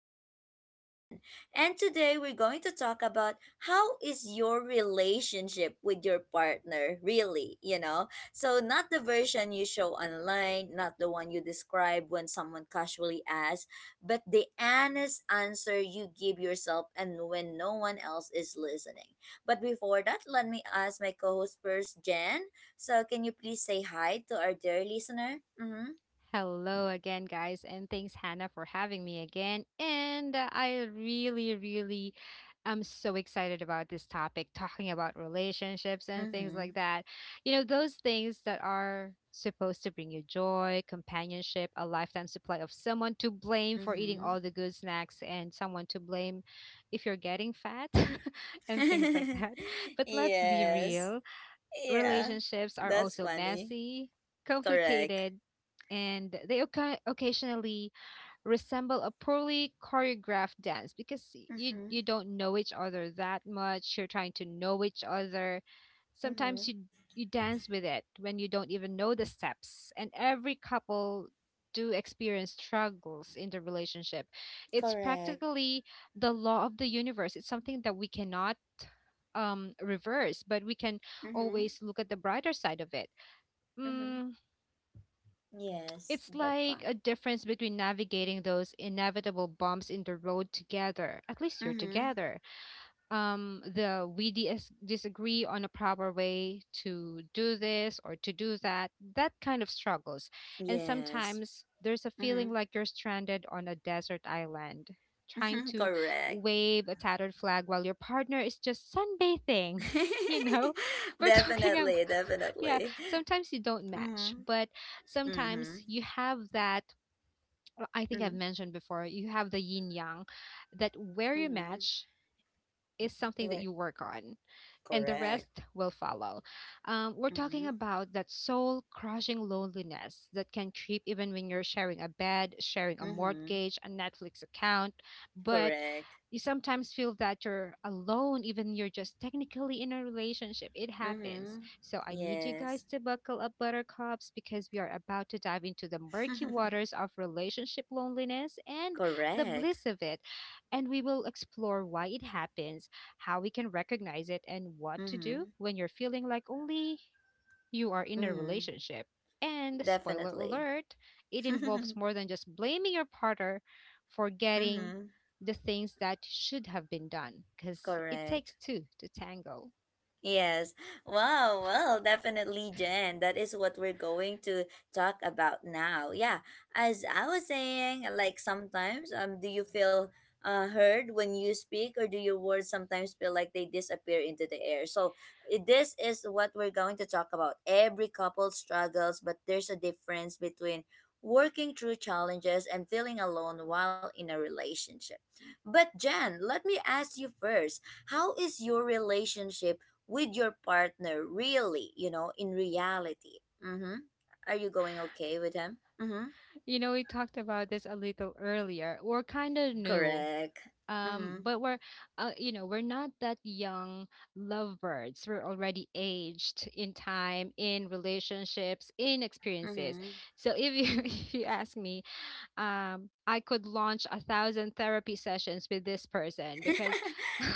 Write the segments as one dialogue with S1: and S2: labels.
S1: podcast with Jen. And today we're going to talk about how is your relationship with your partner really, you know? So not the version you show online, not the one you describe when someone casually asks, but the honest answer you give yourself and when no one else is listening. But before that, let me ask my co-host first, Jen. So can you please say hi to our dear listener? Mm-hmm.
S2: Hello again, guys, and thanks, Hannah, for having me again. And I really, really am so excited about this topic, talking about relationships and things
S1: Mm-hmm.
S2: like that. You know, those things that are supposed to bring you joy, companionship, a lifetime supply of someone to blame for eating
S1: Mm-hmm.
S2: all the good snacks, and someone to blame if you're getting fat and things like that. But let's be
S1: Yes.
S2: real,
S1: Yeah.
S2: relationships are
S1: That's
S2: also
S1: funny.
S2: messy,
S1: Correct.
S2: complicated, and they occasionally resemble a poorly choreographed dance, because y- you
S1: Mm-hmm.
S2: you don't know each other that much, you're trying to know each other. Sometimes
S1: Mm-hmm.
S2: you dance with it when you don't even know the steps, and every couple do experience struggles in the relationship. It's
S1: Correct.
S2: practically the law of the universe. It's something that we cannot reverse, but we can
S1: Mm-hmm.
S2: always look at the brighter side of it.
S1: Mm-hmm.
S2: Mm,
S1: Yes,
S2: it's
S1: that
S2: like
S1: kind.
S2: a difference between navigating those inevitable bumps in the road together. At least you're
S1: Mm-hmm.
S2: together. The we dis- disagree on a proper way to do this or to do that, that kind of struggles. And
S1: Yes.
S2: sometimes there's a
S1: Mm-hmm.
S2: feeling like you're stranded on a desert island, trying to
S1: Correct.
S2: wave a tattered flag while your partner is just sunbathing. You know, we're talking,
S1: Definitely,
S2: yeah,
S1: definitely.
S2: sometimes you don't
S1: Mm-hmm.
S2: match, but
S1: Mm-hmm.
S2: sometimes you have that. I think I've
S1: Mm-hmm.
S2: mentioned before, you have the yin yang, that where you
S1: Mm-hmm.
S2: match is something that
S1: Wait.
S2: you work on, and the rest
S1: Correct.
S2: will follow. We're
S1: Mm-hmm.
S2: talking about that soul crushing loneliness that can creep even when you're sharing a bed, sharing a
S1: Mm-hmm.
S2: mortgage, a Netflix account, but
S1: Correct.
S2: you sometimes feel that you're alone, even you're just technically in a relationship. It happens.
S1: Mm-hmm.
S2: So I need you guys
S1: Yes.
S2: to buckle up, buttercups, because we are about to dive into the murky waters of relationship loneliness and the
S1: Correct.
S2: bliss of it. And we will explore why it happens, how we can recognize it, and what to
S1: Mm-hmm.
S2: do when you're feeling like only you are in a
S1: Mm-hmm.
S2: relationship. And spoiler
S1: Definitely.
S2: alert, it involves more than just blaming your partner for getting
S1: Mm-hmm.
S2: the things that should have been done, because it takes
S1: Correct.
S2: two to tango.
S1: Yes. Wow. Well, definitely, Jen. That is what we're going to talk about now. Yeah. As I was saying, like sometimes, do you feel heard when you speak, or do your words sometimes feel like they disappear into the air? So this is what we're going to talk about. Every couple struggles, but there's a difference between working through challenges and feeling alone while in a relationship. But Jen, let me ask you first, how is your relationship with your partner, really, you know, in reality? Mm-hmm. Are you going okay with him? Mm-hmm.
S2: You know, we talked about this a little earlier. We're kind of new,
S1: Correct.
S2: um,
S1: Mm-hmm.
S2: but we're, you know, we're not that young lovebirds, we're already aged in time, in relationships, in experiences.
S1: Mm-hmm.
S2: So if you if you ask me, I could launch 1,000 therapy sessions with this person because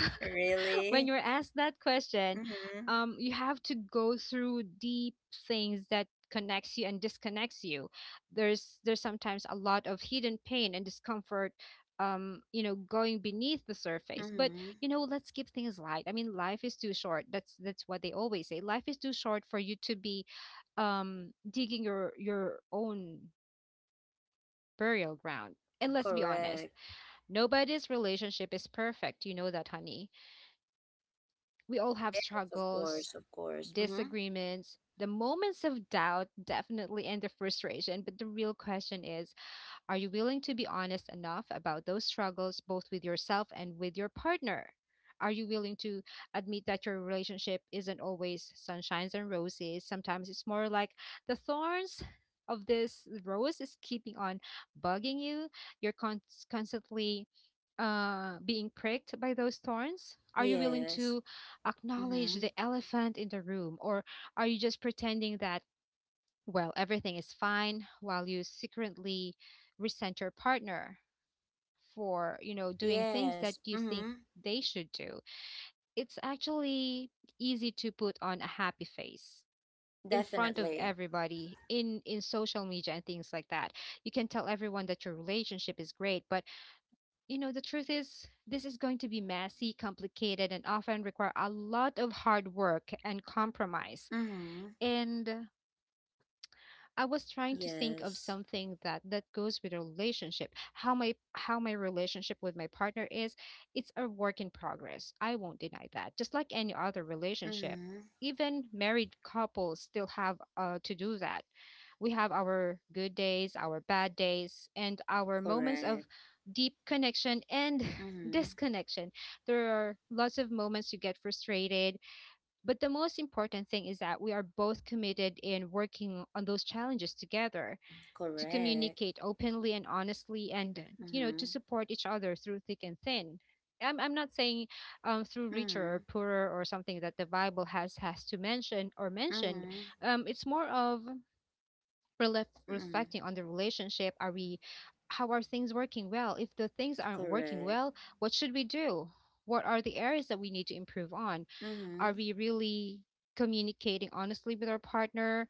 S2: when
S1: Really.
S2: you're asked that question,
S1: Mm-hmm.
S2: you have to go through deep things that connects you and disconnects you. There's sometimes a lot of hidden pain and discomfort, you know, going beneath the surface. But
S1: Mm-hmm.
S2: you know, let's keep things light. I mean, life is too short. That's what they always say, life is too short for you to be digging your own burial ground. And let's be honest,
S1: Correct.
S2: nobody's relationship is perfect. You know that, honey. We all have
S1: Yes, of
S2: struggles,
S1: course, of course. Mm-hmm.
S2: disagreements, the moments of doubt, definitely, and the frustration. But the real question is, are you willing to be honest enough about those struggles, both with yourself and with your partner? Are you willing to admit that your relationship isn't always sunshines and roses? Sometimes it's more like the thorns of this rose is keeping on bugging you. You're constantly being pricked by those thorns. Are you willing
S1: Yes.
S2: to acknowledge
S1: Mm-hmm.
S2: the elephant in the room, or are you just pretending that, well, everything is fine, while you secretly resent your partner for, you know, doing things that
S1: Yes.
S2: you think
S1: Mm-hmm.
S2: they should do. It's actually easy to put on a happy face in front of
S1: Definitely.
S2: everybody, in social media and things like that. You can tell everyone that your relationship is great, but you know, the truth is this is going to be messy, complicated, and often require a lot of hard work and compromise.
S1: Mm-hmm.
S2: And I was trying to think of
S1: Yes.
S2: something that goes with a relationship. How my relationship with my partner is, it's a work in progress. I won't deny that. Just like any other relationship,
S1: Mm-hmm.
S2: even married couples still have to do that. We have our good days, our bad days, and our moments of
S1: Correct.
S2: deep connection and
S1: Mm-hmm.
S2: disconnection. There are lots of moments you get frustrated, but the most important thing is that we are both committed in working on those challenges together, to
S1: Correct.
S2: communicate openly and honestly, and you know, to
S1: Mm-hmm.
S2: support each other through thick and thin. I'm not saying, through richer
S1: Mm-hmm.
S2: or poorer or something that the Bible has to mention or mentioned.
S1: Mm-hmm.
S2: It's more of
S1: Mm-hmm.
S2: reflecting on the relationship. How are things working well? If the things aren't working
S1: Correct.
S2: well, what should we do? What are the areas that we need to improve on? Are
S1: Mm-hmm.
S2: we really communicating honestly with our partner?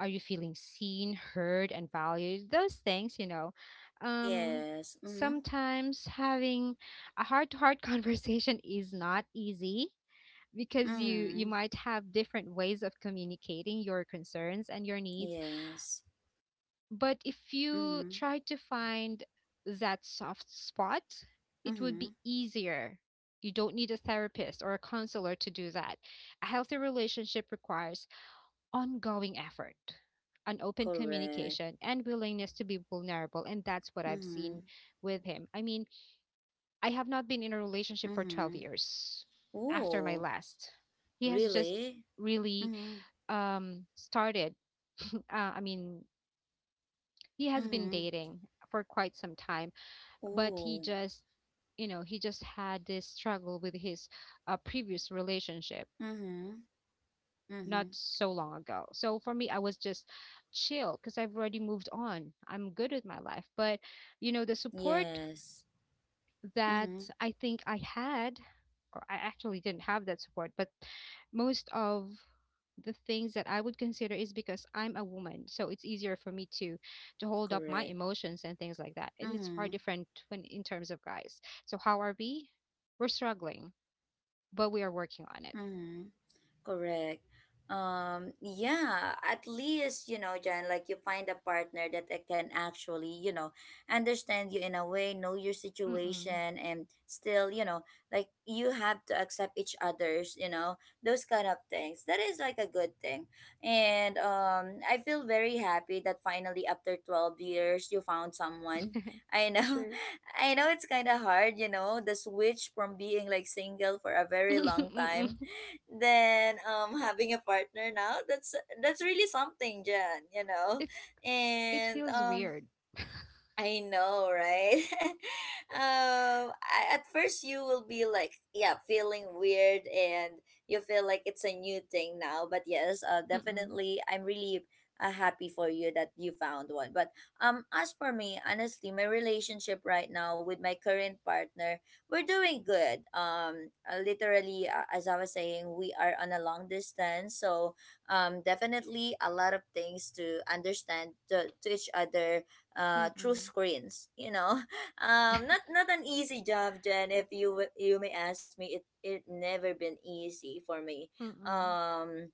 S2: Are you feeling seen, heard, and valued? Those things, you know. Um,
S1: Yes. Mm-hmm.
S2: Sometimes having a heart-to-heart conversation is not easy, because you
S1: Mm-hmm.
S2: might have different ways of communicating your concerns and your needs.
S1: Yes.
S2: But if you
S1: Mm-hmm.
S2: try to find that soft spot, it would
S1: Mm-hmm.
S2: be easier. You don't need a therapist or a counselor to do that. A healthy relationship requires ongoing effort, an open
S1: Correct.
S2: communication, and willingness to be vulnerable. And that's what I've
S1: Mm-hmm.
S2: seen with him. I mean, I have not been in a relationship for 12
S1: Mm-hmm.
S2: years after my
S1: Ooh.
S2: last. He has just
S1: Really?
S2: really
S1: Mm-hmm.
S2: started uh, I mean, he has been
S1: Mm-hmm.
S2: dating for quite some time, but he
S1: Ooh.
S2: just, you know, he just had this struggle with his previous relationship
S1: Mm-hmm. Mm-hmm.
S2: not so long ago. So for me, I was just chill because I've already moved on. I'm good with my life. But, you know, the support
S1: Yes.
S2: that
S1: Mm-hmm.
S2: I think I had, or I actually didn't have that support, but most of the things that I would consider is because I'm a woman, so it's easier for me to hold up my
S1: Correct.
S2: emotions and things like that. And it's far
S1: Mm-hmm.
S2: different when in terms of guys. So how are we? We're struggling, but we are working on it.
S1: Mm-hmm. Correct. Yeah, at least, you know, Jan, like you find a partner that I can actually, you know, understand you in a way, know your
S2: Mm-mm.
S1: situation, and still, you know, like you have to accept each other's, you know, those kind of things. That is like a good thing. And I feel very happy that finally after 12 years, you found someone. I know.
S2: True.
S1: I know it's kind of hard, you know, the switch from being like single for a very long
S2: Mm-mm.
S1: time than having a partner now. That's really something, Jan, you know.
S2: It's it
S1: And
S2: feels
S1: um,
S2: weird.
S1: I know, right? I, at first you will be like, yeah, feeling weird, and you feel like it's a new thing now. But yes,
S2: Mm-mm.
S1: definitely, I'm really happy for you that you found one. But as for me, honestly, my relationship right now with my current partner, we're doing good. Literally, as I was saying, we are on a long distance, so definitely a lot of things to understand to each other through
S2: Mm-mm.
S1: screens. You know, not an easy job, Jen. If you you may ask me, it never been easy for me.
S2: Mm-mm.
S1: Um,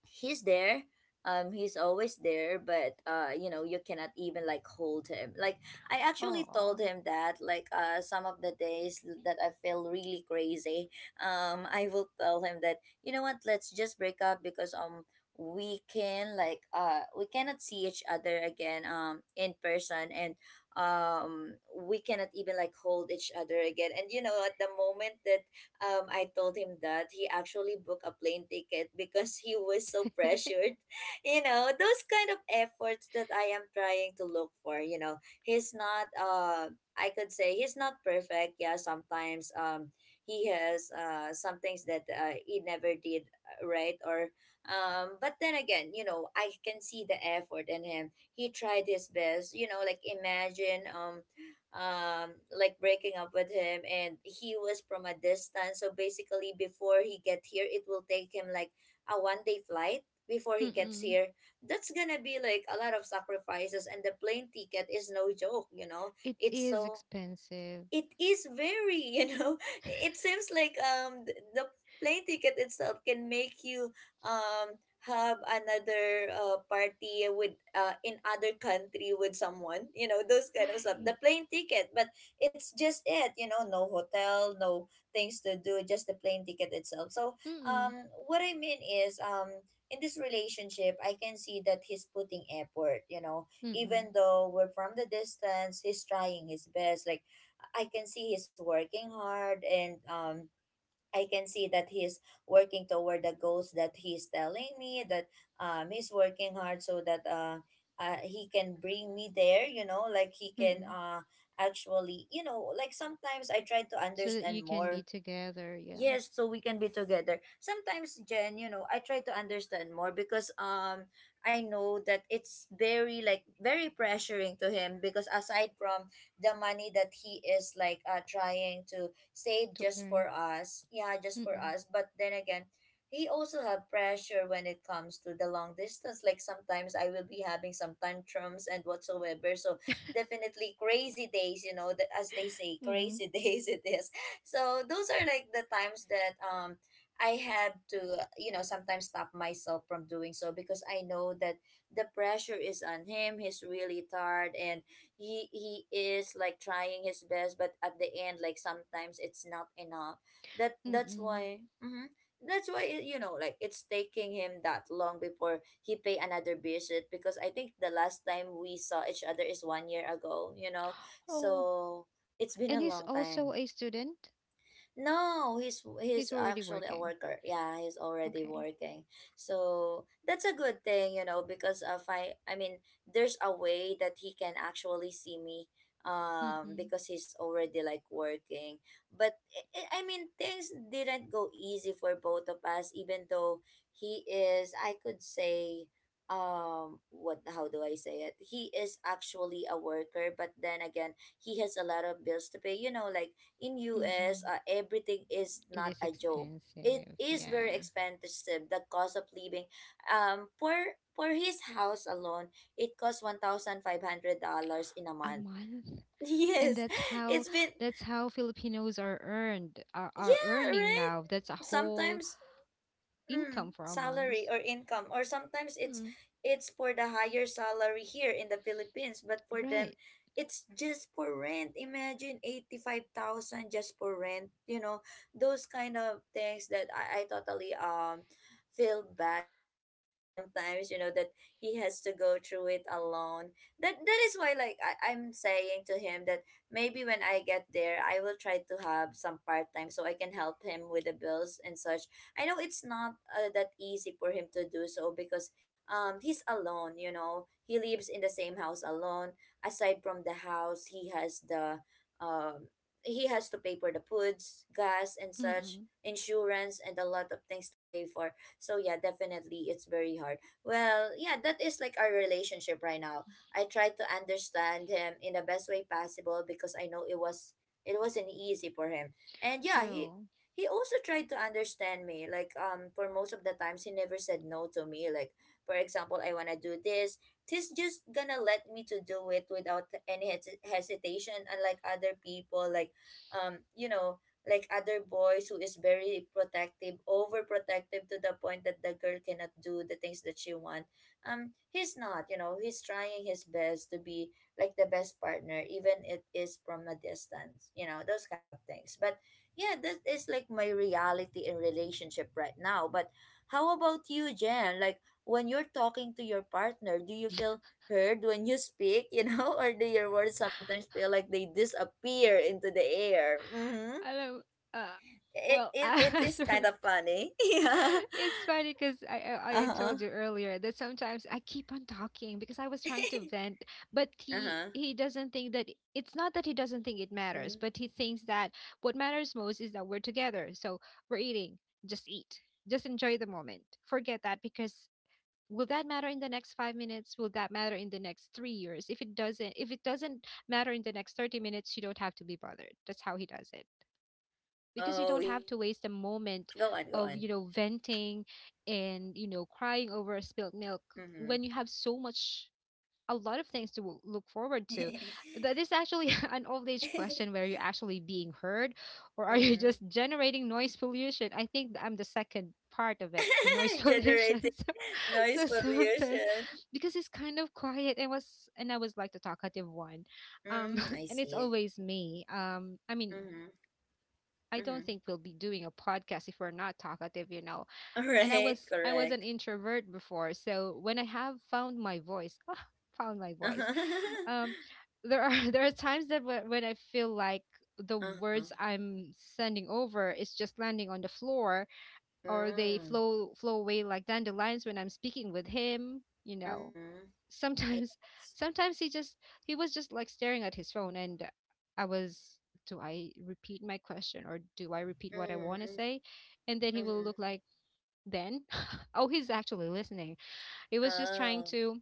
S1: he's there, um, he's always there, but you know, you cannot even like hold him, like I actually
S2: Oh.
S1: told him that like uh, some of the days that I feel really crazy, um, I will tell him that, you know what, let's just break up because um, we can like uh, we cannot see each other again um, in person, and um, we cannot even like hold each other again. And you know, at the moment that I told him that, he actually booked a plane ticket because he was so pressured. You know, those kind of efforts that I am trying to look for. You know, he's not, I could say he's not perfect. Yeah, sometimes he has some things that he never did right, or um, but then again, you know, I can see the effort in him. He tried his best, you know, like imagine, um, like breaking up with him, and he was from a distance, so basically before he get here, it will take him like a 1 day flight before he gets
S2: Mm-mm.
S1: here. That's gonna be like a lot of sacrifices, and the plane ticket is no joke, you know.
S2: It
S1: It's
S2: is
S1: so,
S2: expensive.
S1: it is very, you know, it seems like um, the plane ticket itself can make you um, have another party with in other country with someone, you know, those kind of stuff,
S2: Right.
S1: the plane ticket. But it's just it, you know, no hotel, no things to do, just the plane ticket itself. So
S2: Mm-mm.
S1: um, what I mean is um, in this relationship, I can see that he's putting effort, you know.
S2: Mm-mm.
S1: Even though we're from the distance, he's trying his best, like I can see he's working hard, and um, I can see that he's working toward the goals that he's telling me, that um, he's working hard so that uh, he can bring me there, you know, like he can
S2: Mm-mm.
S1: uh, actually, you know, like sometimes I try to
S2: So that
S1: understand
S2: you can
S1: more.
S2: be together, yeah,
S1: Yes, so we can be together. Sometimes, Jen, you know, I try to understand more because um, I know that it's very like very pressuring to him because aside from the money that he is like uh, trying to save
S2: to
S1: just for
S2: earn.
S1: us, yeah, just for
S2: Mm-mm.
S1: us, but then again, he also have pressure when it comes to the long distance. Like sometimes I will be having some tantrums and whatsoever. So definitely crazy days, you know, that as they say,
S2: Mm.
S1: crazy days it is. So those are like the times that um, I have to, you know, sometimes stop myself from doing so because I know that the pressure is on him. He's really tired, and he is like trying his best, but at the end, like sometimes it's not enough. That's
S2: Mm-mm.
S1: why, mhm, that's why you know, like it's taking him that long before he pay another visit, because I think the last time we saw each other is 1 year ago, you know.
S2: Oh.
S1: So it's been
S2: And
S1: a
S2: he's
S1: long
S2: also
S1: time.
S2: a student.
S1: No, he's
S2: He's already
S1: actually a
S2: working.
S1: worker. Yeah, he's already
S2: Okay.
S1: working. So that's a good thing, you know, because of I mean, there's a way that he can actually see me um,
S2: Mm-mm.
S1: because he's already like working. But I mean, things didn't go easy for both of us, even though he is, I could say, um, what, how do I say it? He is actually a worker, but then again, he has a lot of bills to pay. You know, like in US,
S2: Mm-mm.
S1: everything is
S2: It
S1: not
S2: is
S1: a joke. It
S2: expensive.
S1: is very
S2: Yeah.
S1: expensive. The cost of living, for his house alone, it costs $1,500 in a
S2: A
S1: month.
S2: month. And
S1: Yes,
S2: that's how,
S1: it's been,
S2: Filipinos are earned are
S1: yeah,
S2: earning
S1: right.
S2: now. That's a whole
S1: Sometimes mm,
S2: income for a
S1: salary
S2: month.
S1: or income, or sometimes
S2: Mm,
S1: it's for the higher salary here in the Philippines, but for them
S2: right.
S1: it's just for rent. Imagine 85,000 just for rent, you know, those kind of things that I totally um, feel bad for him. At sometimes, you know, that he has to go through it alone, that that is why, like I'm saying to him that maybe when I get there I will try to have some part time so I can help him with the bills and such. I know it's not that easy for him to do so because um, he's alone, you know. He lives in the same house alone. Aside from the house, he has the um, he has to pay for the foods, gas and such,
S2: Mm-mm.
S1: insurance, and a lot of things to pay for. So yeah, definitely it's very hard. Well, yeah, that is like our relationship right now. I try to understand him in the best way possible because I know it was, it wasn't easy for him. And yeah, he
S2: True.
S1: he also tried to understand me, like um, for most of the times he never said no to me, like for example I want to do this, he's just gonna let me to do it without any hesitation, unlike other people, like um, you know, like other boys who is very protective, overprotective, to the point that the girl cannot do the things that she want. Um, he's not, you know, he's trying his best to be like the best partner, even it is from a distance, you know, those kind of things. But yeah, that is like my reality in relationship right now. But how about you, Jen? Like when you're talking to your partner, do you feel heard when you speak, you know, or do your words sometimes feel like they disappear into the air? Mm-hmm.
S2: I don't. Uh,
S1: It,
S2: well,
S1: it, it is kind of funny. Yeah.
S2: it's funny because I
S1: Uh-huh.
S2: told you earlier that sometimes I keep on talking because I was trying to vent, but he
S1: Uh-huh.
S2: he doesn't think that, it's not that he doesn't think it matters,
S1: Mhm.
S2: but he thinks that what matters most is that we're together, so we're eating. Just eat. Just enjoy the moment. Forget that, because will that matter in the next 5 minutes? Will that matter in the next 3 years? If it doesn't matter in the next 30 minutes, you don't have to be bothered. That's how he does it, because you
S1: Oh,
S2: don't have to waste
S1: yes,
S2: a
S1: correct.
S2: moment
S1: Go on, go
S2: of,
S1: on.
S2: you know, venting and, you know, crying over a spilled milk,
S1: Mm-hmm.
S2: when you have so much a lot of things to look forward to. That is actually an old age question, where you're actually being heard, or are you
S1: Mm-hmm.
S2: just generating noise pollution? I think I'm the second part of it, the noise pollution.
S1: Generating
S2: so,
S1: noise
S2: so sometimes,
S1: pollution.
S2: because it's kind of quiet, and I was like the talkative one, um
S1: Mm, I
S2: and it's
S1: see.
S2: always me. I mean,
S1: Mm-hmm.
S2: I don't
S1: Mm-hmm.
S2: think we'll be doing a podcast if we're not talkative, you know.
S1: All
S2: And I
S1: right,
S2: was I was an
S1: correct.
S2: introvert before, so when I have found my voice, ah, found my voice. Um, there are there are times that when I feel like the
S1: Uh-huh.
S2: words I'm sending over is just landing on the floor, or they
S1: Mm.
S2: flow away like dandelions when I'm speaking with him,
S1: Mm-hmm.
S2: sometimes
S1: Yes.
S2: sometimes he was just like staring at his phone. And I was, do I repeat my question or do I repeat what I want to
S1: Mm-hmm.
S2: say? And then he will
S1: Mm-hmm.
S2: look like, then oh, he's actually listening. He was just trying
S1: Oh.
S2: to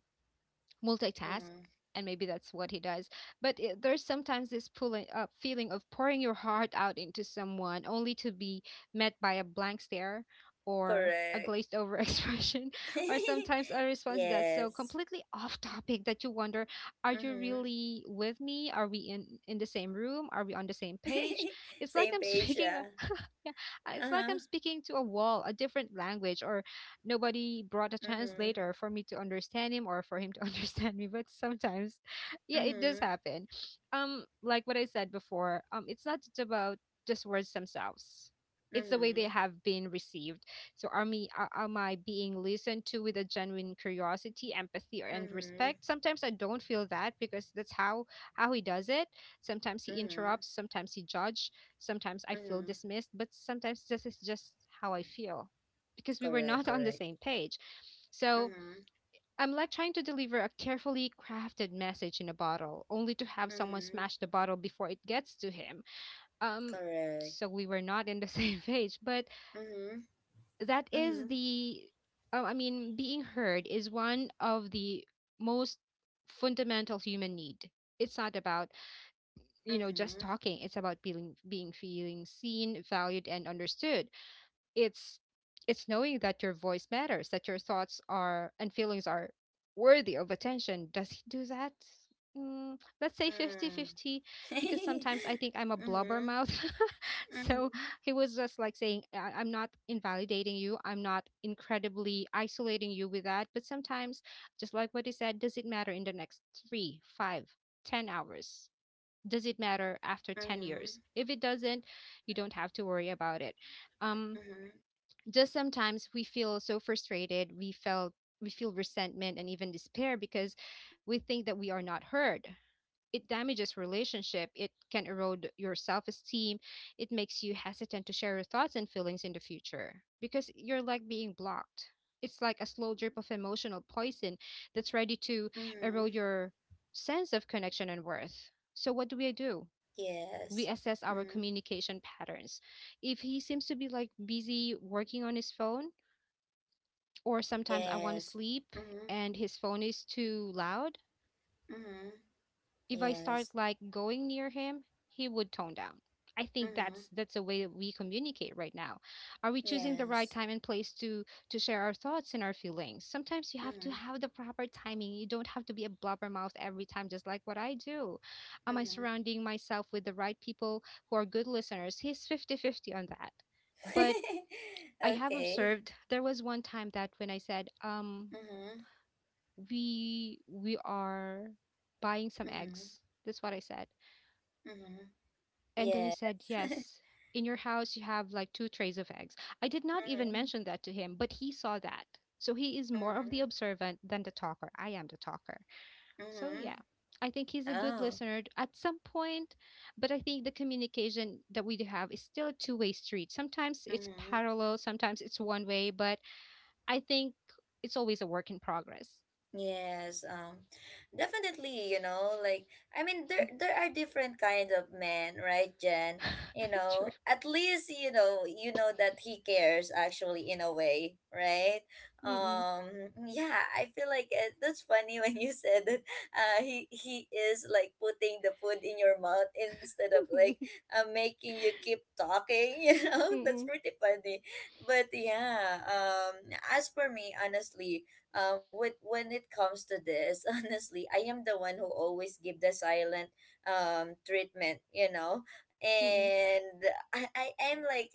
S2: multitask.
S1: Mm-hmm.
S2: And maybe that's what he does. But there's sometimes this pulling feeling of pouring your heart out into someone only to be met by a blank stare or a
S1: Correct.
S2: glazed over expression, or sometimes a response that's so
S1: Yes.
S2: completely off topic that you wonder, are you
S1: Mm-hmm.
S2: really with me? Are we in the same room? Are we on the same page? It's like
S1: Same
S2: I'm
S1: page,
S2: speaking
S1: yeah.
S2: yeah, it's like
S1: Uh-huh.
S2: I'm speaking to a wall, a different language, or nobody brought a
S1: Mm-hmm.
S2: translator for me to understand him or for him to understand me. But sometimes, yeah, it does
S1: Mm-hmm.
S2: happen. Like what I said before, it's not just about just words themselves. It's the way they
S1: Mm-hmm.
S2: have been received. So am I being listened to with a genuine curiosity, empathy, and
S1: Mm-hmm.
S2: respect? Sometimes I don't feel that because that's how he does it. Sometimes he
S1: Mm-hmm.
S2: interrupts, sometimes he judge, sometimes I feel
S1: Mm-hmm.
S2: dismissed, but sometimes this is just how I feel because we were
S1: Correct,
S2: not on the
S1: correct.
S2: same page. So
S1: Mm-hmm.
S2: I'm like trying to deliver a carefully crafted message in a bottle, only to have someone
S1: Mm-hmm.
S2: smash the bottle before it gets to him. Um,
S1: Correct.
S2: so we were not in the same page, but
S1: Mhm.
S2: that is
S1: Mhm.
S2: the, I mean, being heard is one of the most fundamental human need. It's not about just
S1: Mhm.
S2: talking. It's about being feeling seen, valued, and understood. It's it's knowing that your voice matters, that your thoughts are and feelings are worthy of attention. Does he do that? Mm, let's say
S1: Mm.
S2: fifty-fifty, because sometimes I think I'm a blubber
S1: Mhm.
S2: mouth. So
S1: Mhm.
S2: he was just like saying, I- I'm not invalidating you. I'm not incredibly isolating you with that. But sometimes, just like what he said, does it matter in the next three, five, 10 hours? Does it matter after 10
S1: Mhm.
S2: years? If it doesn't, you don't have to worry about it. Um,
S1: Mhm.
S2: just sometimes we feel so frustrated, we feel resentment and even despair because we
S1: Mhm.
S2: think that we are not heard. It damages relationship. It can erode your self-esteem. It makes you hesitant to share your thoughts and feelings in the future because you're like being blocked. It's like a slow drip of emotional poison that's ready to
S1: Mhm.
S2: erode your sense of connection and worth. So what do we do? We
S1: Yes.
S2: assess our
S1: Mhm.
S2: communication patterns. If he seems to be like busy working on his phone, or sometimes I want to
S1: Yes.
S2: sleep
S1: Mhm.
S2: and his phone is too loud,
S1: Mhm.
S2: if I start
S1: Yes.
S2: like going near him, he would tone down. I think
S1: Mhm.
S2: that's a way that we communicate right now. Are we choosing the right
S1: Yes.
S2: time and place to share our thoughts and our feelings? Sometimes you have to
S1: Mhm.
S2: have the proper timing. You don't have to be a blubbermouth every time, just like what I do. Am I
S1: Mhm.
S2: surrounding myself with the right people who are good listeners? He's fifty fifty on that. But I have
S1: Okay.
S2: observed there was one time that when I said,
S1: Mhm.
S2: we are buying some
S1: Mhm.
S2: eggs. That's what I said.
S1: Mhm.
S2: And then he
S1: Yes.
S2: said yes. In your house, you have like two trays of eggs. I did not even
S1: Mhm.
S2: mention that to him, but he saw that. So he is more of the
S1: Mhm.
S2: observant than the talker. I am the talker. So yeah,
S1: Mhm.
S2: I think he's a good
S1: Oh.
S2: listener at some point. But I think the communication that we do have is still a two-way street. Sometimes it's
S1: Mhm.
S2: parallel, sometimes it's one way, but I think it's always a work in progress.
S1: Yes, definitely, like I mean there are different kind of men, right, Jen? You
S2: True.
S1: know, at least you know that he cares actually in a way, right?
S2: Mm-mm.
S1: Yeah, I feel like that's funny when you said that he is like putting the food in your mouth instead of like making you keep talking, you know? That's
S2: Mm,
S1: pretty funny. But yeah, as for me, honestly, with when it comes to this honestly I am the one who always give the silent treatment
S2: mm.
S1: and I am like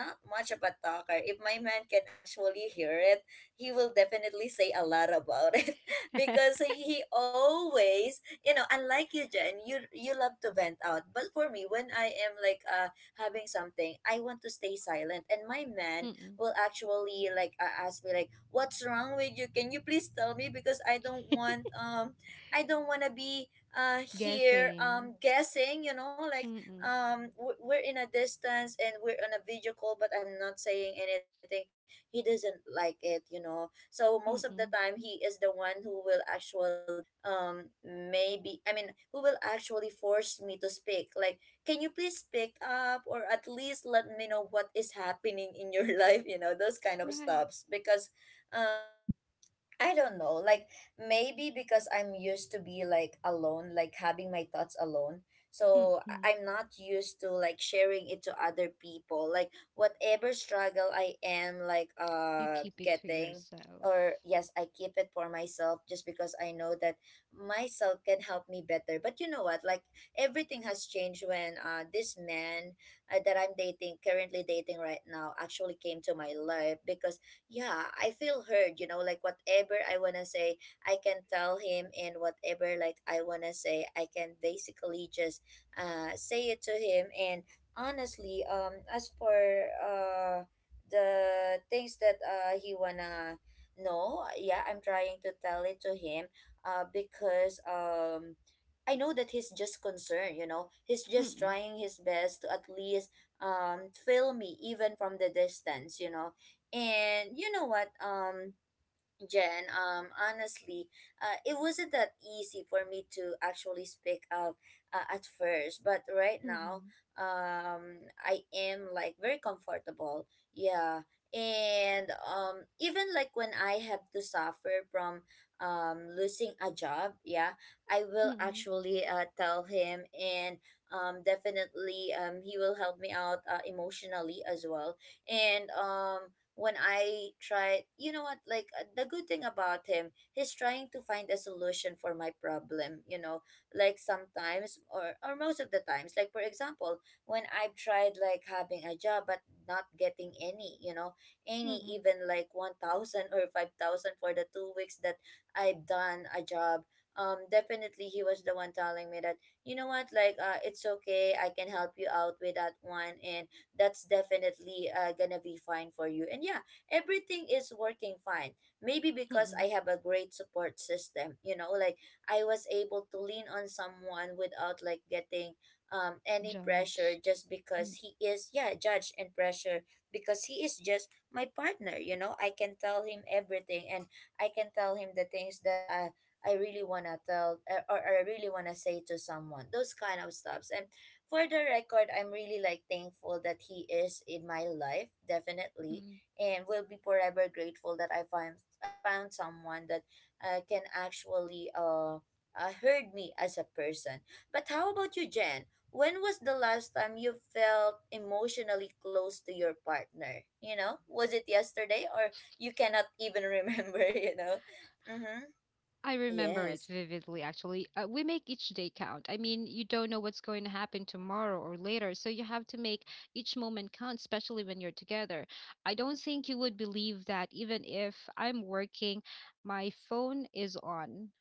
S1: not much of a talker. If my man can actually hear it, he will definitely say a lot about it, because he always, unlike you, Jen, you love to vent out. But for me, when I am like having something, I want to stay silent, and my man
S2: Mm.
S1: will actually like ask me like, what's wrong with you? Can you please tell me? Because I don't want to be here,
S2: Guessing.
S1: guessing, you know, like,
S2: Mm,
S1: we're in a distance and we're on a video call, but I'm not saying anything. He doesn't like it, so most of the time
S2: mm.
S1: he is the one who will actually, maybe, I mean, who will actually force me to speak, like, can you please pick up or at least let me know what is happening in your life, those kind of
S2: Right.
S1: stuffs, because um I don't know. Like, maybe because I'm used to be like alone, like having my thoughts alone. So
S2: Mm.
S1: I'm not used to like sharing it to other people. Like whatever struggle I am like
S2: You keep it to
S1: getting,
S2: yourself.
S1: or yes, I keep it for myself, just because I know that myself can help me better. But you know what? Like, everything has changed when this man, that I'm dating, currently dating right now, actually came to my life, because yeah, I feel heard, like whatever I want to say, I can tell him, and whatever like I want to say, I can basically just say it to him. And honestly, as for uh the things that he wanna know, yeah, I'm trying to tell it to him, because I know that he's just concerned, you know. He's
S2: Mm,
S1: just
S2: mm.
S1: trying his best to at least feel me, even from the distance, you know. And you know what? Jen, honestly, it wasn't that easy for me to actually speak up, at first, but right now,
S2: Mm,
S1: I am like very comfortable. Yeah, and even like when I have to suffer from losing a job, yeah, I will
S2: mm.
S1: actually, tell him, and definitely, he will help me out, emotionally as well, and when I tried, you know what, like, the good thing about him, he's trying to find a solution for my problem, you know, like sometimes, or most of the times. Like, for example, when I've tried like having a job but not getting any, any
S2: Mm,
S1: even like 1,000 or 5,000 for the 2 weeks that I've done a job. Definitely he was the one telling me that, you know what, like it's okay, I can help you out with that one, and that's definitely, gonna be fine for you, and yeah, everything is working fine. Maybe because I
S2: mm.
S1: have a great support system, like I was able to lean on someone without like getting any pressure,
S2: Judged.
S1: just because he is, yeah, judged and pressure, because he is just my partner, you know, I can tell him everything, and I can tell him the things that I really want to tell, or I really want to say to someone, those kind of stuffs. And for the record, I'm really like thankful that he is in my life, definitely,
S2: Mm.
S1: and will be forever grateful that I found someone that can actually heard me as a person. But how about you, Jen? When was the last time you felt emotionally close to your partner? Was it yesterday, or you cannot even remember? Mm-hmm.
S2: I remember it
S1: Yes,
S2: vividly, actually. We make each day count. I mean, you don't know what's going to happen tomorrow or later, so you have to make each moment count, especially when you're together. I don't think you would believe that even if I'm working, my phone is on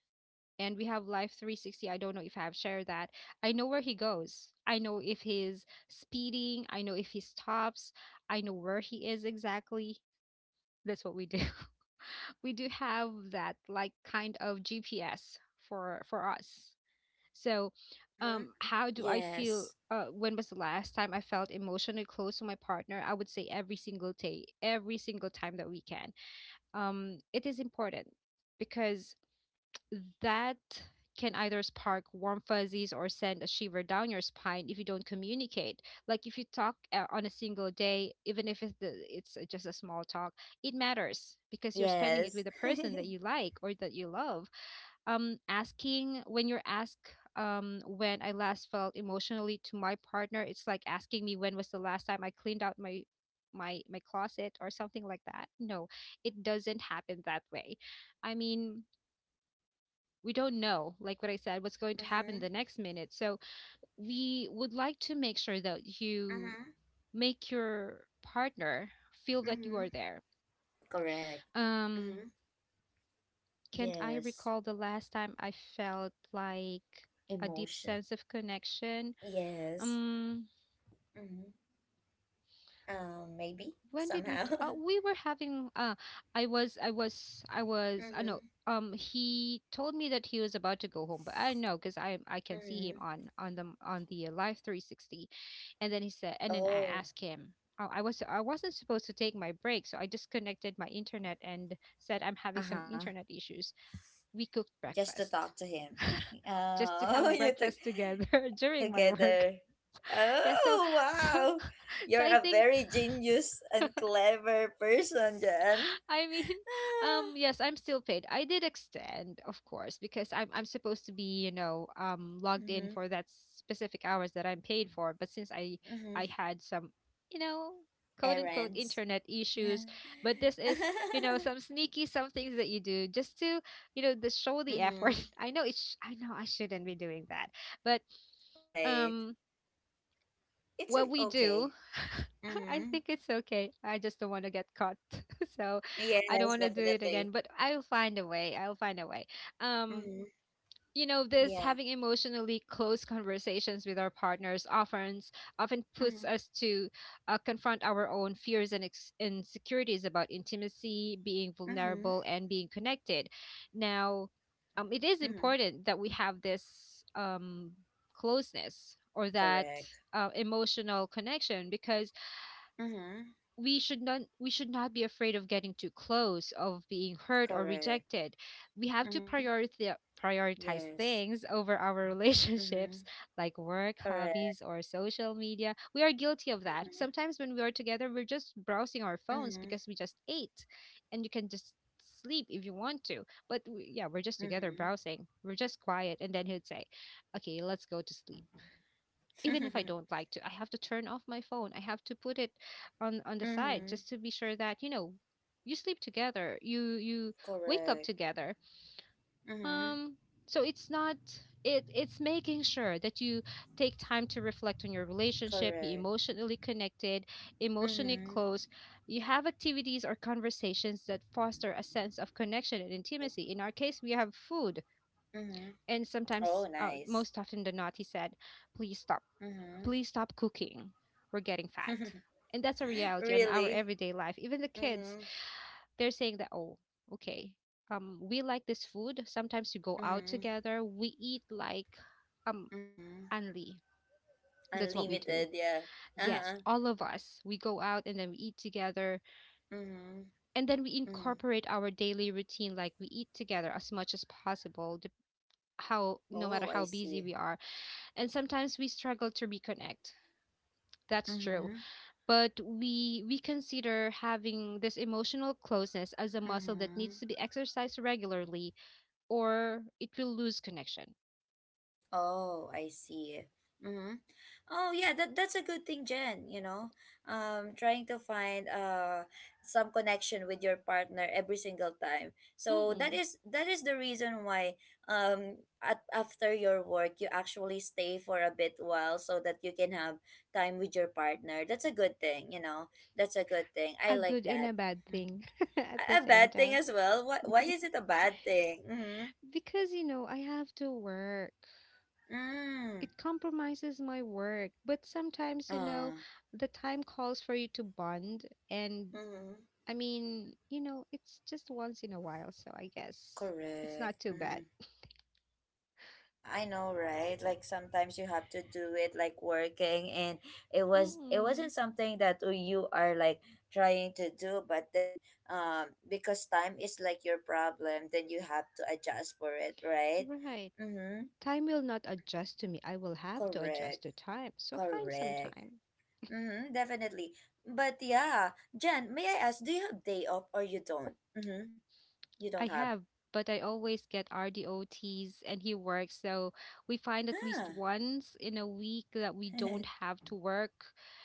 S2: and we have Live 360. I don't know if I've shared that. I know where he goes. I know if he's speeding. I know if he stops. I know where he is exactly. That's what we do. We do have that like kind of GPS for us. So,
S1: mm-hmm.
S2: how do I feel?
S1: Yes,
S2: When was the last time I felt emotionally close to my partner? I would say every single day, every single time that we can. It is important because that can either spark warm fuzzies or send a shiver down your spine if you don't communicate. Like if you talk on a single day, even if it's just a small talk, it matters because you're spending it
S1: yes.
S2: with a person that
S1: Mm-hmm.
S2: you like or that you love. Asking when you're asked when I last felt emotionally to my partner, it's like asking me when was the last time I cleaned out my closet or something like that. No, it doesn't happen that way. I mean, we don't know, like what I said, what's going to happen the next minute. So we would like to make sure that you
S1: Mm-hmm.
S2: make your partner feel that you
S1: Mm-hmm.
S2: are there.
S1: Correct.
S2: Um,
S1: Mm-hmm.
S2: can't I
S1: Yes,
S2: recall the last time I felt like a deep
S1: emotion.
S2: sense of connection?
S1: Yes.
S2: Um,
S1: Mm-hmm. Maybe
S2: when did we
S1: somehow.
S2: we were having I know
S1: Mm-hmm.
S2: he told me that he was about to go home. But I know because I can see him
S1: Mm-hmm.
S2: on the Live 360. And then he said, and then I
S1: Oh.
S2: asked him, oh, I wasn't supposed to take my break, so I disconnected my internet and said I'm having
S1: Uh
S2: some
S1: huh.
S2: internet issues. We cooked
S1: Just to talk
S2: breakfast
S1: to him.
S2: just to
S1: Oh,
S2: have
S1: you took
S2: breakfast together during my work.
S1: together.
S2: Yeah, so
S1: Oh,
S2: so
S1: wow.
S2: so
S1: You're
S2: I
S1: a
S2: think,
S1: very genius and clever person, Jan.
S2: I mean,
S1: Ah.
S2: yes, I'm still paid. I did extend, of course, because I'm supposed to be, you know, logged in
S1: Mm-hmm.
S2: for that specific hours that I'm paid for. But since
S1: Mm-hmm.
S2: I had some, you know, quote unquote
S1: Errands.
S2: internet issues, but this is, you know, some things that you do just to, you know, the show the effort.
S1: Mm-hmm.
S2: I know it's I know I shouldn't be doing that, but
S1: All right.
S2: um
S1: It's a,
S2: what we do.
S1: okay.
S2: I
S1: Mm-hmm.
S2: think it's okay, I just don't want to get caught. So I don't
S1: Yes,
S2: want to do it
S1: definitely.
S2: again, but I'll find a way. I'll find a way. um
S1: Mm-hmm.
S2: you know, this
S1: Yeah.
S2: having emotionally close conversations with our partners often puts
S1: Mm-hmm.
S2: us to confront our own fears and insecurities about intimacy, being
S1: Mm-hmm.
S2: vulnerable and being connected. Now, it is
S1: Mm-hmm.
S2: important that we have this closeness or that
S1: Correct.
S2: emotional connection, because
S1: Mm-hmm.
S2: we should not be afraid of getting too close, of being hurt or
S1: Correct.
S2: rejected. We have to
S1: Mm-hmm.
S2: prioritize
S1: Yes.
S2: things over our
S1: Mm-hmm.
S2: relationships, like work,
S1: Correct.
S2: hobbies, or social media. We are guilty of that
S1: Mm-hmm.
S2: sometimes. When we are together, we're just browsing our phones
S1: Mm-hmm.
S2: because we just ate, and you can just sleep if you want to, but we, yeah, we're just together
S1: Mm-hmm.
S2: browsing, we're just quiet, and then he'd say, okay, let's go to sleep. Even if I don't like to, I have to turn off my phone. I have to put it on the side
S1: Mm-hmm.
S2: just to be sure that, you know, you sleep together, you wake
S1: Correct.
S2: up together.
S1: Mm-hmm.
S2: Um so it's not, it's making sure that you take time to reflect on your relationship, be
S1: Correct.
S2: emotionally connected, emotionally
S1: Mm-hmm.
S2: close. You have activities or conversations that foster a sense of connection and
S1: Correct.
S2: intimacy. In our case, we have food,
S1: Mm-hmm.
S2: and
S1: Oh,
S2: sometimes
S1: nice.
S2: most often than not he said, please stop,
S1: Mm-hmm.
S2: please stop cooking. We're getting fat. And that's a reality on our
S1: Really?
S2: everyday life. Even the kids,
S1: Mm-hmm.
S2: they're saying that, oh, okay, we like this food. Sometimes we go out
S1: Mm-hmm.
S2: together. We eat like um
S1: Mm-hmm.
S2: Anli. That's what we do.
S1: Unlimited, yeah.
S2: Yes,
S1: Uh-huh.
S2: all of us. We go out and then we eat together.
S1: Mm-hmm.
S2: And then we
S1: Mm-hmm.
S2: incorporate our daily routine. Like we eat together as much as possible,
S1: Yes.
S2: how no matter
S1: Oh, I
S2: how busy
S1: see.
S2: we are. And sometimes we struggle to reconnect. That's true.
S1: Mm-hmm.
S2: But we consider having this emotional closeness as a muscle that
S1: Mm-hmm.
S2: needs to be exercised regularly, or it will lose connection.
S1: Oh, I see. Mm-hmm. Oh, yeah, that's a good thing, Jen, you know. Trying to find some connection with your partner every single time. So that
S2: Mm-mm.
S1: is that is the reason why, after your work you actually stay for a bit while so that you can have time with your partner. That's a good thing, you know. That's a good thing. I
S2: A
S1: like
S2: good and a
S1: that.
S2: bad
S1: Mm-hmm.
S2: thing
S1: A,
S2: at the
S1: a
S2: same
S1: bad thing
S2: time.
S1: as well. Why is it a bad thing? Mm-hmm.
S2: Because, you know, I have to work.
S1: Mm.
S2: It compromises my work. But sometimes, you know,
S1: Ah.
S2: the time calls for you to bond. And
S1: Mm-hmm.
S2: I mean, you know, it's just once in a while. So I guess it's
S1: Correct.
S2: not too bad.
S1: Mm-hmm. Yeah, yeah, yeah. I know, right? Like sometimes you have to do it, like working, and it was it wasn't
S2: Mm-mm.
S1: something that you are like trying to do, but then because time is like your problem, then you have to adjust for it, right?
S2: Right.
S1: Mm-hmm.
S2: Time will not adjust to me. I will have to adjust
S1: Correct.
S2: to time. So find some
S1: Correct.
S2: time.
S1: Mm-hmm, definitely. But yeah, Jen, may I ask, do you have day off or you don't? Mm-hmm. You don't
S2: I
S1: have.
S2: have, but I always get RDOTs and he works. So we find at least
S1: Ah.
S2: once in a week that we don't have to work.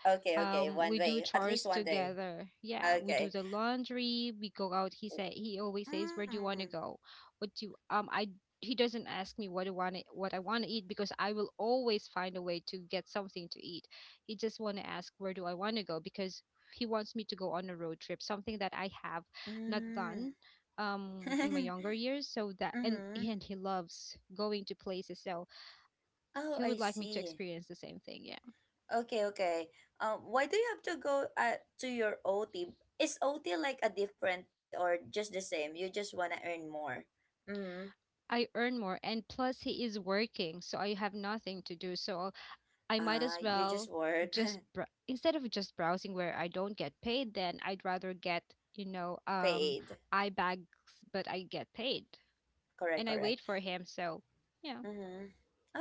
S1: Okay, okay.
S2: We
S1: One
S2: do
S1: day. At
S2: chores
S1: least one day.
S2: together. Yeah, we do
S1: Okay.
S2: the laundry, we go out. He said, he always says, "Where do you want
S1: Mm.
S2: to go? What do you I he doesn't ask me what I want to, what I want to eat, because I will always find a way to get something to eat. He just want to ask where do I want to go, because he wants me to go on a road trip, something that I have not
S1: Mm.
S2: done in my younger years. So that, and
S1: Mm-hmm.
S2: and he loves going to places, so he
S1: Oh,
S2: would
S1: I
S2: like me to
S1: see.
S2: experience the same thing.
S1: Okay, okay. Why do you have to go, to your OT? Is OT like a different pay, or just the same? You just wanna earn more. Mm.
S2: I earn more, and plus he is working, so I have nothing to do. So I might
S1: Ah,
S2: as
S1: you just
S2: well
S1: work.
S2: just br- instead of just browsing where I don't get paid, then I'd rather get, you know, um
S1: Paid.
S2: I bags, but I get paid,
S1: Correct,
S2: and I
S1: correct.
S2: wait for him. So, yeah.
S1: Mm-hmm.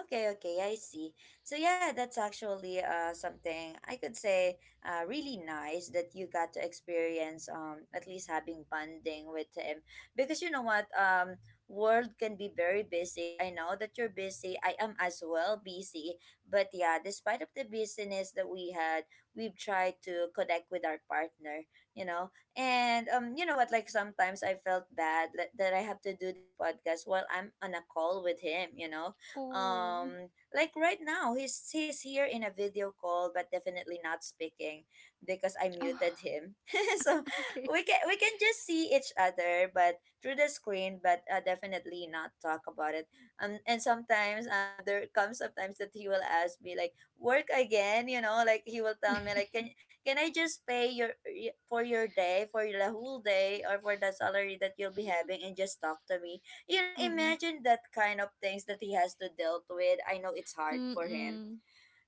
S1: Okay, okay, I see. So yeah, that's actually something I could say really nice that you got to experience, at least having bonding with him, because you know what, world can be very busy. I know that you're busy. I am as well busy, but yeah, despite of the busyness that we had, we've tried to connect with our partner, you know. And you know what? Like sometimes I felt bad that, that I have to do this podcast while I'm on a call with him. You know,
S2: Oh.
S1: um, like right now he's here in a video call, but definitely not speaking because I
S2: Oh,
S1: muted him. So
S2: okay.
S1: we can just see each other, but through the screen, but definitely not talk about it. And sometimes, there comes sometimes that he will ask me, like, work again. You know, like he will tell me like, can I just pay your y- for your day, for the whole day, or for the salary that you'll be having, and just talk to me? You know,
S2: Mm-mm.
S1: imagine that kind of things that he has to deal with. I know it's hard for him.
S2: Mm-mm.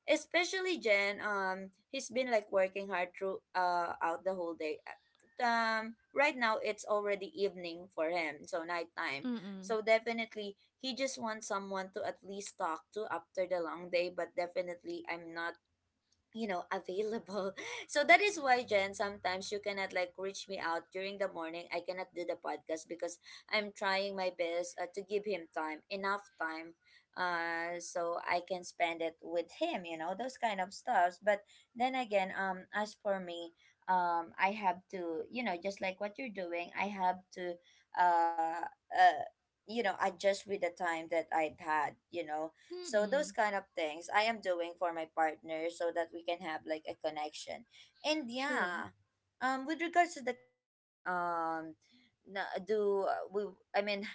S1: Especially, Jen, he's been like working hard through, out the whole day. Right now it's already evening for him, so nighttime.
S2: Mm-mm.
S1: So definitely he just wants someone to at least talk to after the long day. But definitely, I'm not, you know, available, so that is why, Jen, sometimes you cannot like reach me out during the morning. I cannot do the podcast because I'm trying my best, to give him time, enough time, so I can spend it with him, you know, those kind of stuffs, but then again, as for me, I have to, you know, just like what you're doing, I have to uh uh adjust with the time that I've had, you know. So those
S2: Mm-mm.
S1: kind of things I am doing for my partner, so that we can have like a connection. And
S2: True.
S1: yeah, with regards to the question, do we? I mean,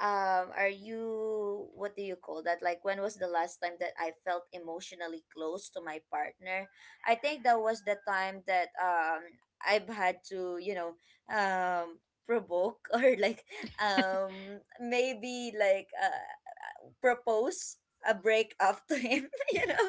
S1: are you? What do you call that? Like, when was the last time that I felt emotionally close to my partner? I think that was the time that I've had to, um provoke or like maybe like propose a breakup to him. you know,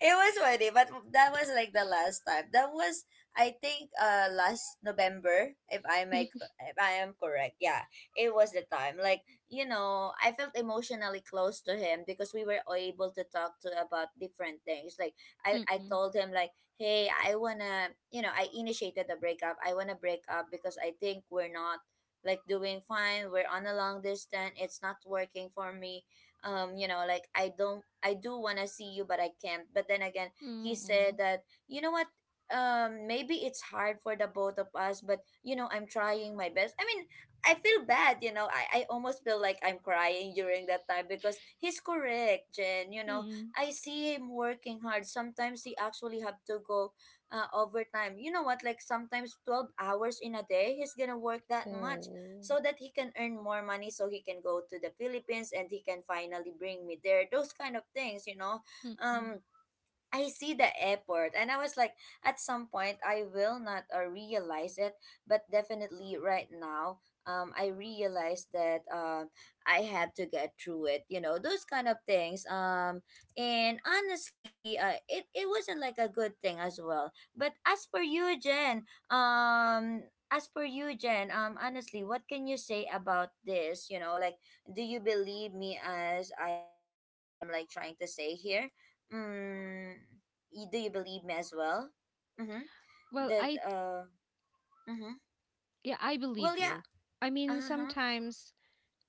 S1: it was funny, but that was like the last time. That was, I think, last November,
S2: Mm-mm.
S1: if I am correct. Yeah, it was the time. Like you know, I felt emotionally close to him because we were able to talk to about different things. Like I told him like, hey, I wanna, you know, I initiated the breakup. I wanna break up because I think we're not like doing fine. We're on a long distance. It's not working for me. You know, like I don't I do want to see you, but I can't. But then again, he said
S2: Mm-mm.
S1: that, you know what, maybe it's hard for the both of us, but you know, I'm trying my best. I mean, I feel bad, you know. I almost feel like I'm crying during that time because he's correct, Jen, you know.
S2: Mm-mm.
S1: I see him working hard. Sometimes he actually have to go overtime, you know what, like sometimes 12 hours in a day he's gonna work that much
S2: Oh.
S1: so that he can earn more money, so he can go to the Philippines and he can finally bring me there. Those kind of things, you know.
S2: Mm-mm.
S1: Um I see the effort, and I was like at some point I will not realize it, but definitely right now I realize that I had to get through it, you know, those kind of things. And honestly, it wasn't like a good thing as well. But as for you Jen, honestly, what can you say about this? You know, like, do you believe me as I am like trying to say here? Mm, do you believe me as well? Mm-hmm.
S2: Well,
S1: That
S2: I...
S1: mm-hmm.
S2: Yeah, I
S1: Well,
S2: believe
S1: yeah.
S2: you. I mean,
S1: Uh-huh.
S2: sometimes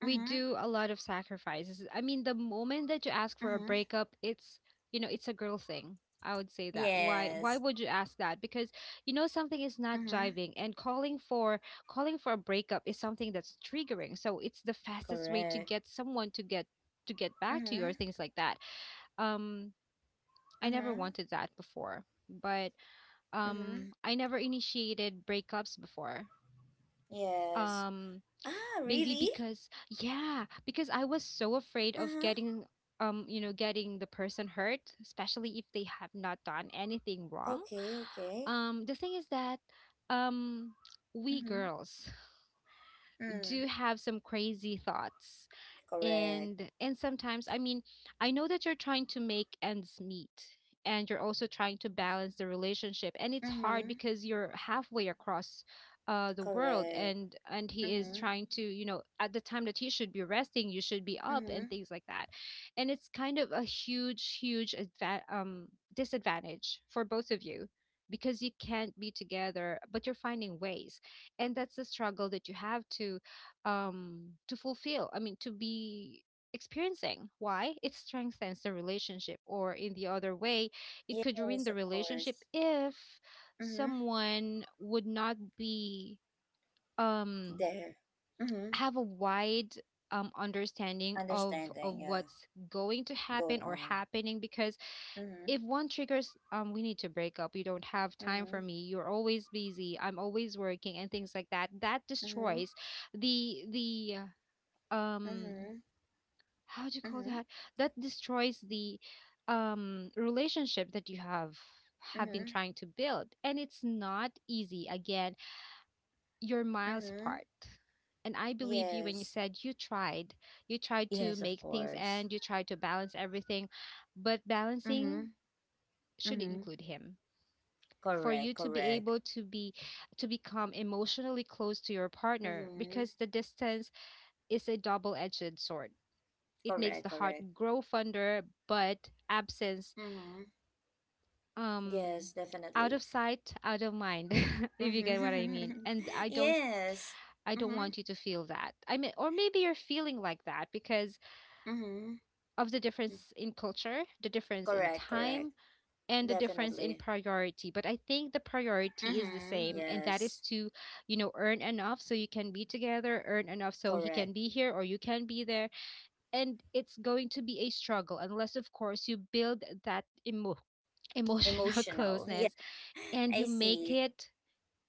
S2: we
S1: Mm-hmm.
S2: do a lot of sacrifices. I mean, the moment that you ask for a
S1: Mm-hmm.
S2: breakup, it's, you know, it's a girl thing, I would say that. Why
S1: Yes.
S2: would you ask that? Because you know something is not
S1: Mm-hmm.
S2: jiving, and calling for calling for a breakup is something that's triggering. So it's the fastest way to
S1: Correct.
S2: get someone to get back to you, or
S1: Mm-hmm.
S2: things like that. Um I never
S1: Mm-hmm.
S2: wanted that before. But
S1: Mm-hmm.
S2: I never initiated breakups before.
S1: Yes.
S2: Um
S1: Ah,
S2: Maybe
S1: really?
S2: because, yeah, because I was so afraid of
S1: Uh-huh.
S2: getting you know, getting the person hurt, especially if they have not done anything wrong.
S1: Okay, okay.
S2: The thing is that um we
S1: Mm-hmm.
S2: girls do
S1: Mm.
S2: have some crazy thoughts,
S1: Correct.
S2: and sometimes, I mean, I know that you're trying to make ends meet, and you're also trying to balance the relationship, and it's hard
S1: Mm-hmm.
S2: because you're halfway across, the world,
S1: Correct.
S2: and he is
S1: Mm-hmm.
S2: trying to, you know, at the time that he should be resting, you should be up, and
S1: Mm-hmm.
S2: things like that. And it's kind of a huge disadvantage for both of you, because you can't be together, but you're finding ways. And that's the struggle that you have to fulfill, I mean, to be experiencing. Why it strengthens the relationship, or in the other way it could ruin
S1: Yes,
S2: the
S1: of
S2: relationship,
S1: course.
S2: if
S1: Mm-hmm.
S2: someone would not be um
S1: There. Mm-hmm.
S2: have a wide understanding of
S1: Understanding, yeah.
S2: what's going to happen
S1: Going
S2: or
S1: on.
S2: happening. Because
S1: Mm-hmm.
S2: if one triggers, we need to break up, you don't have time
S1: Mm-hmm.
S2: for me, you're always busy, I'm always working, and things like that, that
S1: Mm-hmm.
S2: destroys the um
S1: Mm-hmm.
S2: how do you call
S1: Mm-hmm.
S2: that that destroys the relationship that you have been
S1: Mm-hmm.
S2: trying to build. And it's not easy again, you're miles
S1: Mm-hmm.
S2: apart. And I believe you when you
S1: Yes.
S2: said you tried, you tried to
S1: Yes, of
S2: make things,
S1: course.
S2: and you tried to balance everything, but
S1: Mm-hmm.
S2: balancing should
S1: Mm-hmm.
S2: include him, for you
S1: Correct,
S2: to be
S1: correct.
S2: able to be to become emotionally close to your partner,
S1: Mm-hmm.
S2: because the distance is a double-edged sword. It makes
S1: Correct,
S2: the heart
S1: correct.
S2: grow fonder, but absence,
S1: Mm-hmm.
S2: um
S1: Yes,
S2: out
S1: definitely.
S2: of sight, out of mind, if you get what I
S1: Mm-hmm.
S2: mean. And I don't,
S1: yes.
S2: I don't
S1: Mm-hmm.
S2: want you to feel that. I mean, or maybe you're feeling like that because
S1: Mm-hmm.
S2: of the difference in culture, the difference in
S1: Correct, correct.
S2: time, and the difference in
S1: Definitely.
S2: priority. But I think the priority is the
S1: Mm-hmm.
S2: same, and that is
S1: Yes.
S2: to, you know, earn enough so you can be together, earn enough so he
S1: Correct.
S2: can be here or you can be there. And it's going to be a struggle, unless of course you build that emo- emotional
S1: Emotional. Yeah.
S2: closeness and you
S1: I
S2: make
S1: see.
S2: it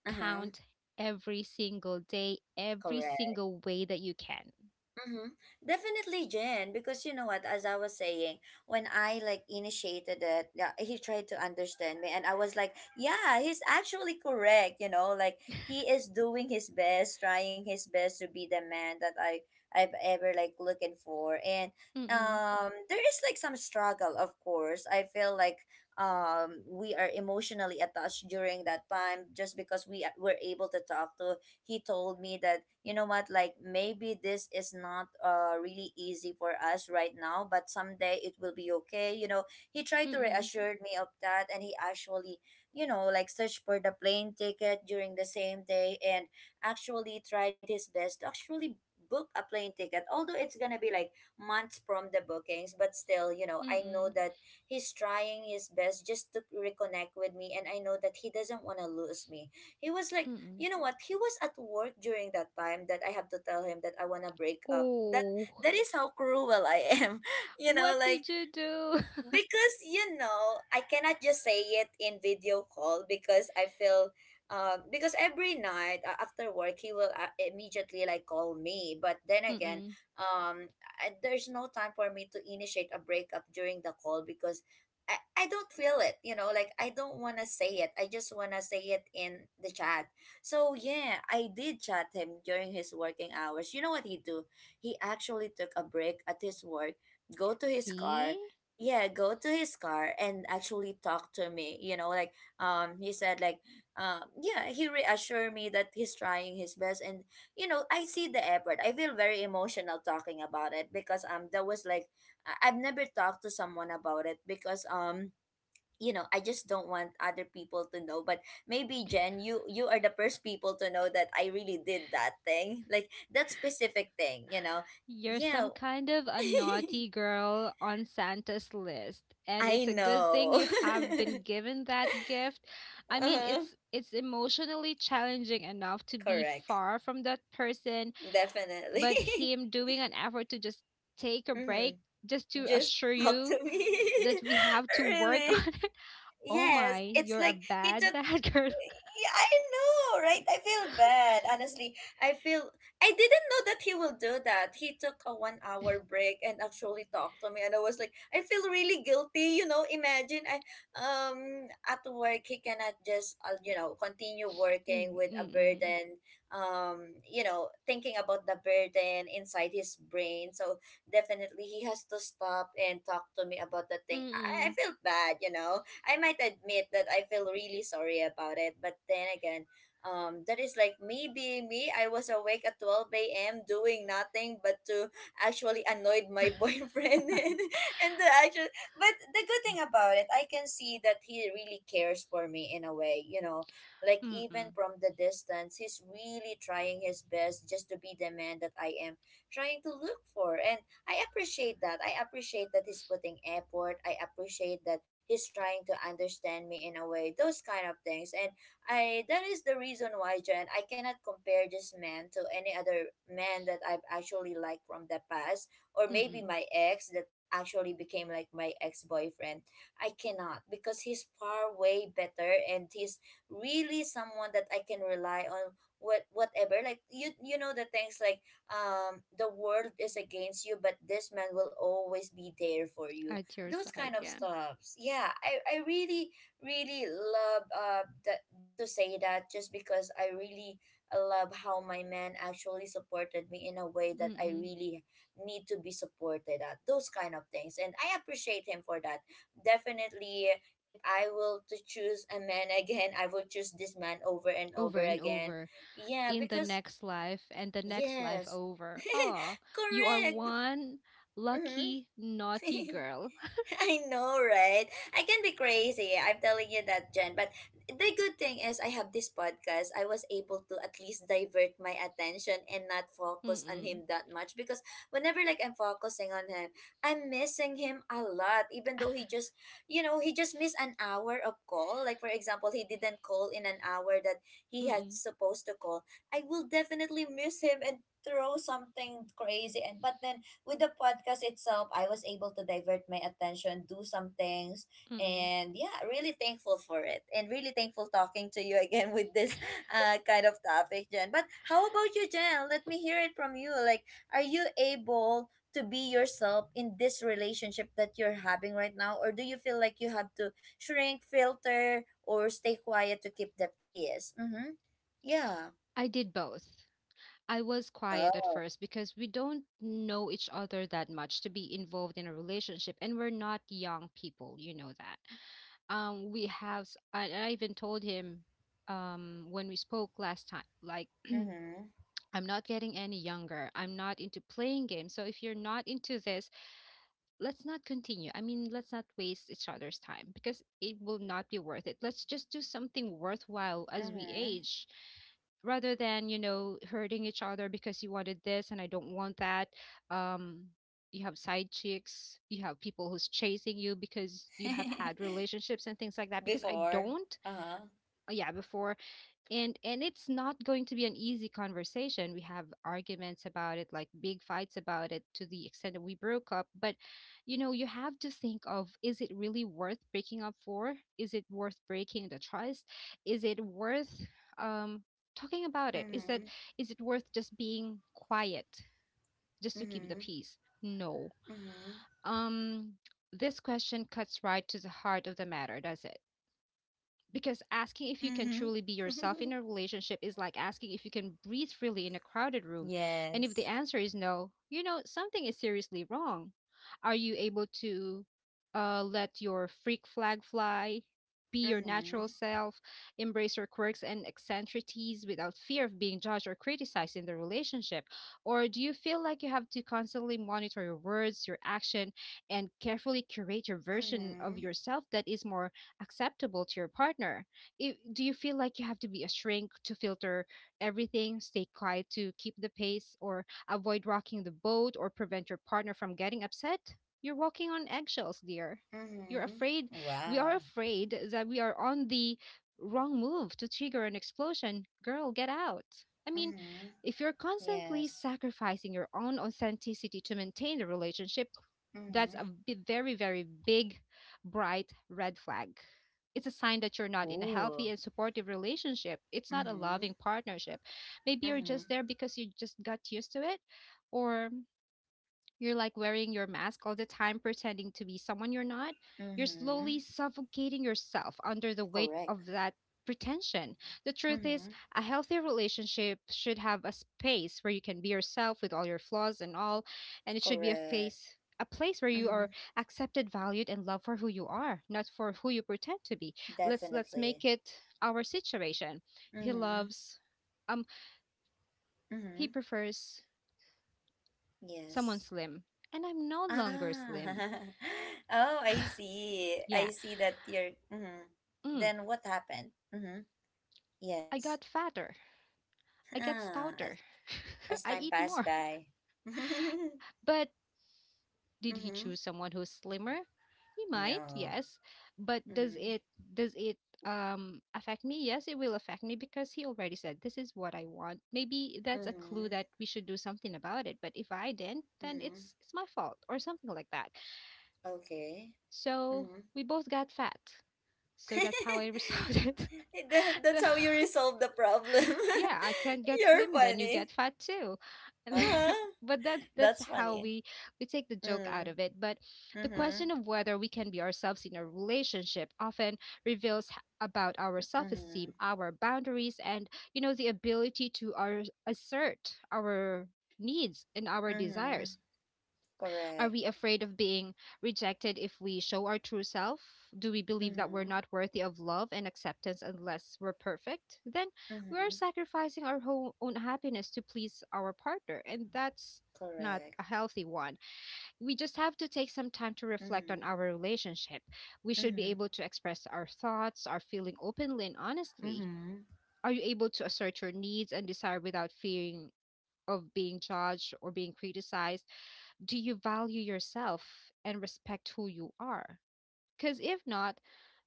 S1: Uh-huh.
S2: count every single day, every
S1: Correct.
S2: single way that you can.
S1: Mm-hmm. Definitely, Jen, because you know what, as I was saying, when I like initiated it, yeah, he tried to understand me, and I was like, yeah, he's actually correct, you know, like he is doing his best, trying his best to be the man that I've ever like looking for. And
S2: Mm-mm,
S1: there is like some struggle, of course. I feel like we are emotionally attached during that time just because were able to talk to. He told me that, you know what, like maybe this is not really easy for us right now, but someday it will be okay, you know. He tried to
S2: mm-mm,
S1: reassure me of that, and he actually, you know, like searched for the plane ticket during the same day, and actually tried his best to actually book a plane ticket, although it's gonna be like months from the bookings. But still, you know, I know
S2: mm-mm,
S1: that he's trying his best just to reconnect with me, and I know that he doesn't want to lose me. He was like,
S2: mm-mm.
S1: you know what, he was at work during that time that I have to tell him that I want to break up.
S2: Oh,
S1: That is how cruel I am. you know,
S2: what
S1: like,
S2: did you do?
S1: because you know, I cannot just say it in video call because I feel because every night after work he will immediately like call me. But then again,
S2: Mm-mm.
S1: um there's no time for me to initiate a breakup during the call because I don't feel it, you know, like I don't want to say it, I just want to say it in the chat. So yeah, I did chat him during his working hours. You know what he do? He actually took a break at his work, go to his
S2: See.
S1: car. Yeah, go to his car and actually talk to me. You know, like, he said like yeah, he reassured me that he's trying his best. And you know, I see the effort. I feel very emotional talking about it because that was like I've never talked to someone about it because you know, I just don't want other people to know. But maybe Jen, you are the first people to know that I really did that thing, like that specific thing, you know.
S2: You're
S1: Yeah.
S2: some kind of a naughty girl on Santa's list, and
S1: I
S2: it's a good thing
S1: know.
S2: you have been given that gift. I mean,
S1: Uh-huh.
S2: it's emotionally challenging enough to be
S1: Correct.
S2: far from that person,
S1: Definitely.
S2: but him doing an effort to just take a break
S1: Hmm.
S2: just to
S1: Just
S2: assure
S1: talk
S2: you
S1: to me.
S2: that we have to work on
S1: really.
S2: it. Oh my,
S1: Yes. It's
S2: you're a
S1: like he
S2: bad
S1: took.
S2: bad girl.
S1: Yeah, I know, right? I feel bad, honestly. I feel, I didn't know that he will do that. He took a 1 hour break and actually talked to me, and I was like, I feel really guilty. You know, imagine, I at work he cannot just, you know, continue working with a
S2: Mm-mm.
S1: burden, you know, thinking about the burden inside his brain. So definitely he has to stop and talk to me about the thing. I
S2: Mm-mm.
S1: feel bad, you know. I might admit that I feel really sorry about it, but then again, that is like me being me. I was awake at 12 a.m. doing nothing but to actually annoyed my boyfriend and the actual. But the good thing about it, I can see that he really cares for me in a way. You know, like even
S2: Mm-mm.
S1: from the distance, he's really trying his best just to be the man that I am trying to look for, and I appreciate that. I appreciate that he's putting effort. I appreciate that he's trying to understand me in a way, those kind of things. And I That is the reason why, Jen, I cannot compare this man to any other man that I've actually liked from the past, or maybe
S2: Mm-mm.
S1: my ex that actually became like my ex-boyfriend. I cannot, because he's far way better, and he's really someone that I can rely on. Whatever, like, you know, the things like the world is against you, but this man will always be there for you,
S2: At your
S1: those kind
S2: side,
S1: of
S2: yeah.
S1: stuffs. Yeah, I really really love that, to say that, just because I really love how my man actually supported me in a way that I
S2: Mm-mm.
S1: really need to be supported at. Those kind of things, and I appreciate him for that. Definitely, if I will to choose a man again, I will choose this man over and
S2: Over
S1: over
S2: and
S1: again.
S2: over,
S1: Yeah,
S2: in the
S1: because
S2: next life and the next life
S1: yes
S2: over. Oh, you are
S1: correct.
S2: one
S1: Mhm.
S2: lucky naughty girl.
S1: I know, right? I can be crazy. I'm telling you that, Jen. But the good thing is, I have this podcast. I was able to at least divert my attention and not focus on
S2: Mm-mm,
S1: him that much because whenever like I'm focusing on him, I'm missing him a lot. Even though he just, you know, he just missed an hour of call. Like for example, he didn't call in an hour that he had
S2: mm-mm,
S1: supposed to call. I will definitely miss him and throw something crazy, and but then with the podcast itself, I was able to divert my attention, do some things,
S2: mm-mm.
S1: and yeah, really thankful for it. And really thankful talking to you again with this kind of topic, Jen. But how about you, Jen? Let me hear it from you. Like, are you able to be yourself in this relationship that you're having right now? Or do you feel like you have to shrink, filter, or stay quiet to keep the peace? Mm-hmm. Yeah.
S2: I did both. I was quiet at
S1: Oh.
S2: first, because we don't know each other that much to be involved in a relationship, and we're not young people. You know that. We have. I even told him, when we spoke last time, like,
S1: Mm-hmm.
S2: I'm not getting any younger. I'm not into playing games. So if you're not into this, let's not continue. I mean, let's not waste each other's time, because it will not be worth it. Let's just do something worthwhile as we
S1: Mm-hmm.
S2: age, rather than, you know, hurting each other because you wanted this and I don't want that. Um, you have side chicks, you have people who's chasing you because you have had relationships and things like that. Because I
S1: Before.
S2: don't,
S1: Uh-huh.
S2: yeah, before. And it's not going to be an easy conversation. We have arguments about it, like big fights about it, to the extent that we broke up. But you know, you have to think of, is it really worth breaking up for? Is it worth breaking the trust? Is it worth um talking about it? Is that
S1: Mhm.
S2: is it worth just being quiet just to keep the
S1: Mhm.
S2: peace? No.
S1: Mhm.
S2: um this question cuts right to the heart of the matter, does it? Because asking if you can
S1: Mhm.
S2: truly be yourself in a relationship is like asking if you can breathe freely in a crowded room. And if the
S1: Yes.
S2: answer is no, you know, something is seriously wrong. Are you able to, let your freak flag fly, be your natural
S1: Mhm.
S2: self, embrace your quirks and eccentricities without fear of being judged or criticized in the relationship? Or do you feel like you have to constantly monitor your words, your action, and carefully curate your version of
S1: Mhm.
S2: yourself that is more acceptable to your partner? I, do you feel like you have to be a shrink to filter everything, stay quiet to keep the pace, or avoid rocking the boat, or prevent your partner from getting upset? You're walking on eggshells, dear. You're
S1: Mhm.
S2: afraid. We are
S1: Wow.
S2: afraid that we are on the wrong move to trigger an explosion. Girl, get out. I mean,
S1: Mhm.
S2: if you're constantly
S1: Yes.
S2: sacrificing your own authenticity to maintain the relationship, that's a
S1: Mhm.
S2: very, very big, bright red flag. It's a sign that you're not in a healthy
S1: Ooh.
S2: and supportive relationship. It's not a
S1: Mhm.
S2: loving partnership. Maybe you're
S1: Mhm.
S2: just there because you just got used to it, or you're like wearing your mask all the time, pretending to be someone you're not. You're slowly
S1: Mhm.
S2: suffocating yourself under the weight
S1: Correct.
S2: of that pretension. The truth is,
S1: Mhm.
S2: a healthy relationship should have a space where you can be yourself with all your flaws and all, and it should be a
S1: Correct.
S2: face a place where you are
S1: Mhm.
S2: accepted, valued and loved for who you are, not for who you pretend to be. Let's make
S1: Definitely.
S2: it our situation. He
S1: Mhm.
S2: loves, um he
S1: Mhm.
S2: prefers someone
S1: Yes.
S2: slim, and I'm no longer
S1: Ah.
S2: slim.
S1: oh, I see. I
S2: Yeah.
S1: see that you're. Mhm.
S2: Mm,
S1: Then what happened? Mhm.
S2: I
S1: Yes.
S2: got fatter. I got
S1: Ah,
S2: stouter.
S1: as
S2: I
S1: time
S2: eat
S1: passed
S2: more.
S1: by. mm-hmm.
S2: But did he choose someone who's slimmer? He might,
S1: No.
S2: yes. But does
S1: Mm-hmm.
S2: it, does it affect me? Yes, it will affect me, because he already said, this is what I want. Maybe that's a
S1: Mm-hmm.
S2: clue that we should do something about it. But if I didn't, then
S1: Mm-hmm.
S2: it's my fault or something like that.
S1: Okay.
S2: So
S1: Mm-hmm.
S2: we both got fat. So that's how I resolved it.
S1: that, that's
S2: The
S1: how you resolve the problem.
S2: yeah, I can't get
S1: You're
S2: slim, then you
S1: funny.
S2: get fat too.
S1: Uh-huh.
S2: But that's
S1: That's
S2: how
S1: funny.
S2: we take the joke out
S1: Mm.
S2: of it. But the
S1: Mm-hmm.
S2: question of whether we can be ourselves in a relationship often reveals about our
S1: Mm-hmm.
S2: self-esteem, our boundaries, and you know, the ability to assert our needs and our
S1: Mm-hmm.
S2: desires. Are
S1: Correct.
S2: we afraid of being rejected if we show our true self? Do we believe that we're
S1: Mm-hmm.
S2: not worthy of love and acceptance unless we're perfect? Then we are
S1: Mm-hmm.
S2: sacrificing our whole own happiness to please our partner, and that's not
S1: Correct.
S2: a healthy one. We just have to take some time to reflect on
S1: Mm-hmm.
S2: our relationship. We should be
S1: Mm-hmm.
S2: able to express our thoughts, our feeling openly and honestly.
S1: Mm-hmm.
S2: Are you able to assert your needs and desire without fearing of being judged or being criticized? Do you value yourself and respect who you are? Because if not,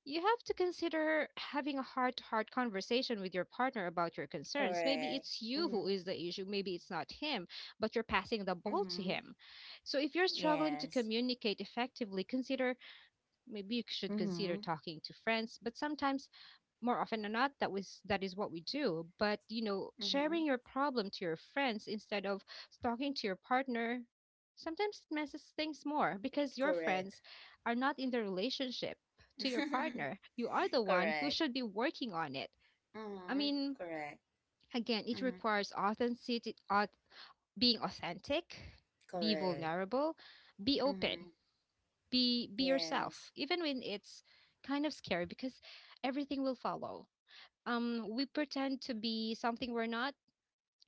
S2: you have to consider having a heart to heart conversation with your partner about your concerns. Maybe
S1: Correct.
S2: it's you who
S1: Mm-hmm.
S2: is the issue, maybe it's not him, but you're passing the ball to
S1: Mm-hmm.
S2: him. So if you're struggling to
S1: Yes.
S2: communicate effectively, consider maybe you should consider
S1: Mm-hmm.
S2: talking to friends, but sometimes more often than not that is what we do. But
S1: Mm-hmm.
S2: sharing your problem to your friends instead of talking to your partner sometimes it messes things more because your
S1: Correct.
S2: friends are not in the relationship. To your partner, you are the one who
S1: Correct.
S2: should be working on it. I
S1: Mm-hmm.
S2: mean,
S1: Correct.
S2: again, it
S1: Mm-hmm.
S2: requires authenticity, being authentic, be
S1: Correct.
S2: vulnerable, be open,
S1: Mm-hmm.
S2: be yourself
S1: Yes.
S2: even when it's kind of scary, because everything will follow. We pretend to be something we're not.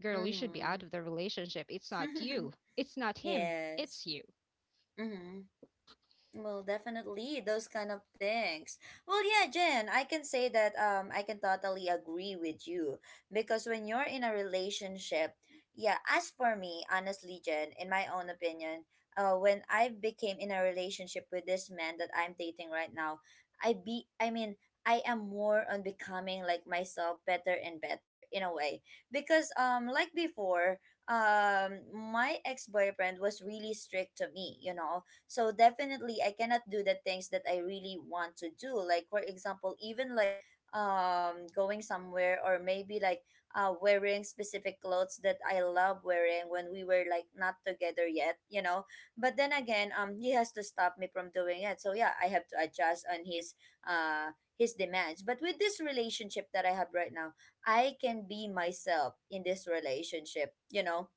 S2: Girl, you should be
S1: Mm-hmm.
S2: out of the relationship. It's not you, it's not him,
S1: yes.
S2: it's you.
S1: Mm-hmm. Well, definitely those kind of things. Well, yeah, Jen, I can say that I can totally agree with you because when you're in a relationship, yeah, as for me, honestly, Jen, in my own opinion, when I became in a relationship with this man that I'm dating right now, I mean, I am more on becoming like myself better and better in a way because like before, my ex-boyfriend was really strict to me, you know, so definitely I cannot do the things that I really want to do. Like for example, even like going somewhere or maybe like wearing specific clothes that I love wearing when we were like not together yet, you know. But then again, he has to stop me from doing it. So yeah, I have to adjust on his demands. But with this relationship that I have right now, I can be myself in this relationship, you know,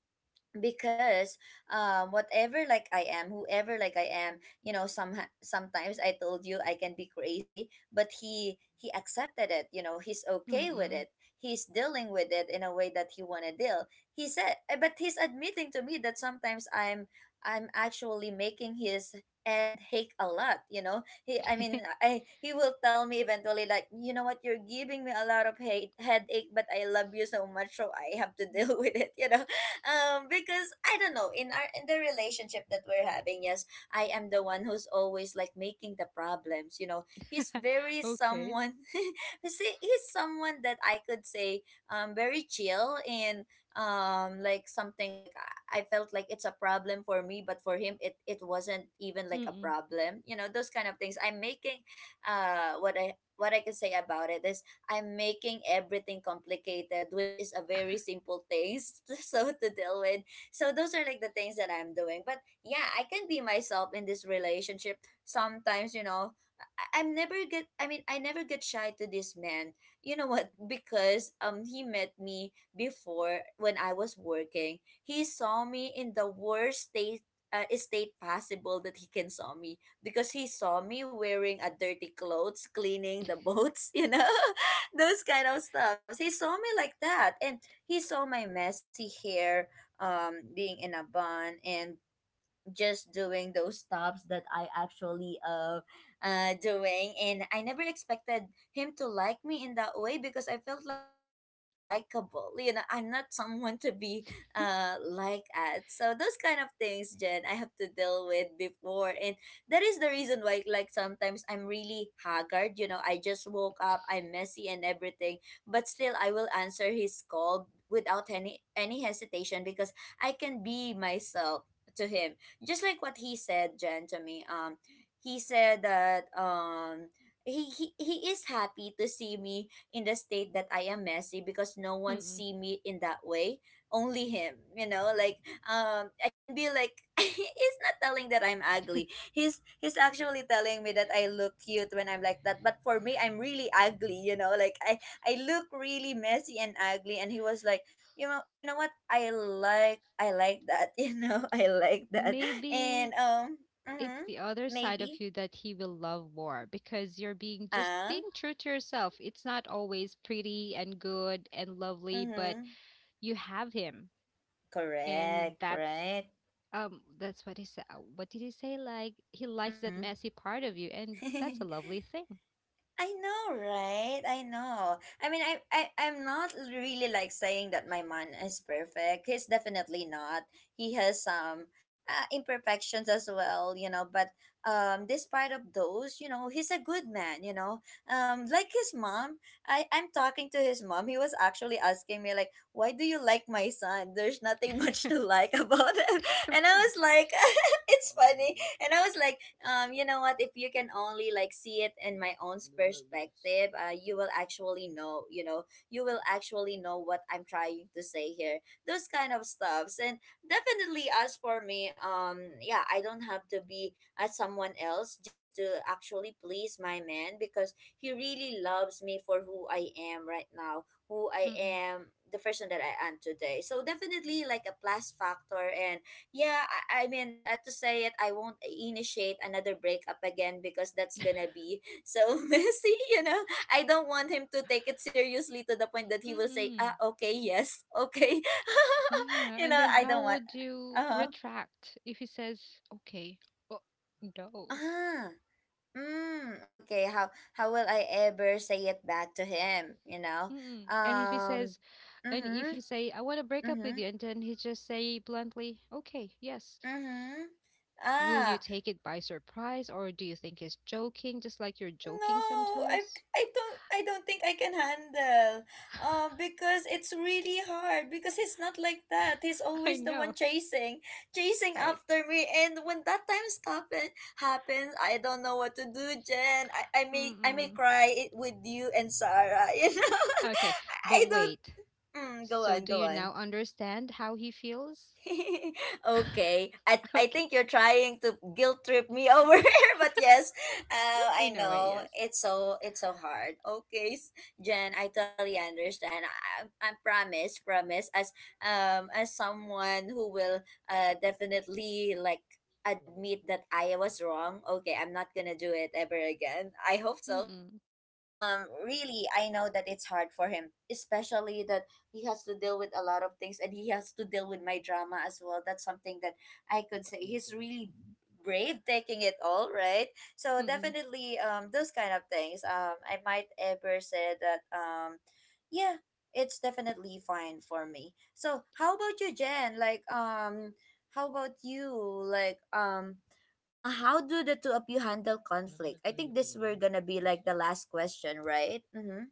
S1: because whatever like I am, whoever like I am, you know. Sometimes I told you I can be crazy, but he accepted it, you know. He's okay with
S2: Mm-mm.
S1: it. He's dealing with it in a way that he want to deal. He said eh, but he's admitting to me that sometimes I'm actually making his head ache a lot, you know. He i mean i he will tell me eventually like, you know what, you're giving me a lot of hate headache, but I love you so much, so I have to deal with it, you know. Because I don't know, in our in the relationship that we're having, yes, I am the one who's always like making the problems. You know, he's very
S2: Okay.
S1: someone. See, he's someone that I could say very chill, and like something like I felt like it's a problem for me, but for him it wasn't even like a
S2: Mm-mm.
S1: problem. You know, those kind of things. I'm making what I can say about it is I'm making everything complicated, which is a very simple taste so to deal with. So those are like the things that I'm doing. But yeah, I can be myself in this relationship. Sometimes, you know, I mean, I never get shy to this man. You know what? Because he met me before when I was working. He saw me in the worst state state possible that he can saw me because he saw me wearing a dirty clothes cleaning the boats, you know. Those kind of stuff. He saw me like that, and he saw my messy hair, being in a bun, and just doing those stops that I actually doing, and I never expected him to like me in that way because I felt like I'm not likable, you know. I'm not someone to be like at. So those kind of things, Jen, I have to deal with before, and that is the reason why like sometimes I'm really haggard, you know. I just woke up, I'm messy and everything, but still I will answer his call without any hesitation because I can be myself to him. Just like what he said, Jen, to me, he said that he is happy to see me in the state that I am messy because no one
S2: Mm-mm.
S1: see me in that way. Only him, you know, like I can be like, he's not telling that I'm ugly. He's actually telling me that I look cute when I'm like that. But for me I'm really ugly, you know, like I look really messy and ugly, and he was like, you know, what I like, I like that, you know, I like that. And
S2: Maybe it's
S1: mm-hmm,
S2: the other side of
S1: maybe.
S2: you that he will love more because you're being just
S1: Ah,
S2: being true to yourself. It's not always pretty and good and lovely, but
S1: mm-hmm.
S2: you have him. And
S1: Correct, right?
S2: that's what he said. What did he say? Like, he likes that
S1: Mm-hmm.
S2: messy part of you, and that's a lovely thing.
S1: I know, right? I know. I mean, I'm not really like saying that my man is perfect. He's definitely not. He has some imperfections as well, you know. But despite of those, you know, he's a good man. You know, like his mom. I'm talking to his mom. He was actually asking me like, "Why do you like my son? There's nothing much to like about him." And I was like, "It's funny." And I was like, you know what? If you can only like see it in my own perspective, you will actually know. You know, you will actually know what I'm trying to say here. Those kind of stuffs, and definitely as for me, yeah, I don't have to be at someone else just to actually please my man because he really loves me for who I am right now, who I
S2: Mm-mm.
S1: am, the person that I am today. So definitely like a plus factor. And yeah, I mean, to say it, I won't initiate another breakup again because that's gonna be so messy, you know? I don't want him to take it seriously to the point that he will say, ah,
S2: Mm-mm.
S1: okay, yes, okay.
S2: Yeah,
S1: You
S2: and
S1: know,
S2: then
S1: I
S2: how
S1: don't want,
S2: would you
S1: uh-huh.
S2: retract if he says, "Okay, well, no."
S1: Ah, mm, okay, how will I ever say it back to him, you know?
S2: Mm-mm. And if he
S1: Um,
S2: says, and if
S1: mm-hmm,
S2: you say, "I want to break up with
S1: mm-hmm,
S2: you," and then he just say bluntly, "Okay, yes."
S1: mm-hmm.
S2: Will you
S1: Ah,
S2: take it by surprise, or do you think he's joking, just like you're joking
S1: no,
S2: sometimes?
S1: I don't think I can handle. Because it's really hard because he's not like that. He's
S2: I
S1: always the
S2: know,
S1: one chasing, chasing
S2: right?
S1: after me. And when that time happens, I don't know what to do, Jen. I may
S2: Mm-mm.
S1: cry it with you and Sarah, you know.
S2: Okay, but
S1: I don't
S2: wait.
S1: Mm, go
S2: So
S1: on,
S2: do
S1: go
S2: you
S1: on.
S2: now understand how he feels?
S1: Okay. I
S2: Okay.
S1: think you're trying to guilt trip me over here, but yes, I
S2: In a way,
S1: know
S2: yes.
S1: it's it's so hard. Okay, s- Jen, I totally understand. I promise, promise, as someone who will definitely like admit that I was wrong. Okay, I'm not gonna do it ever again. I hope so. You
S2: Mm-mm.
S1: know, really, I know that it's hard for him, especially that he has to deal with a lot of things, and he has to deal with my drama as well. That's something that I could say he's really brave taking it all right. So
S2: Mm-mm.
S1: definitely those kind of things, I might ever say that yeah, it's definitely fine for me. So how about you, Jen? Like how about you? Like how do the two of you handle conflict? I think this were gonna be like the last question, right? Mm-hmm,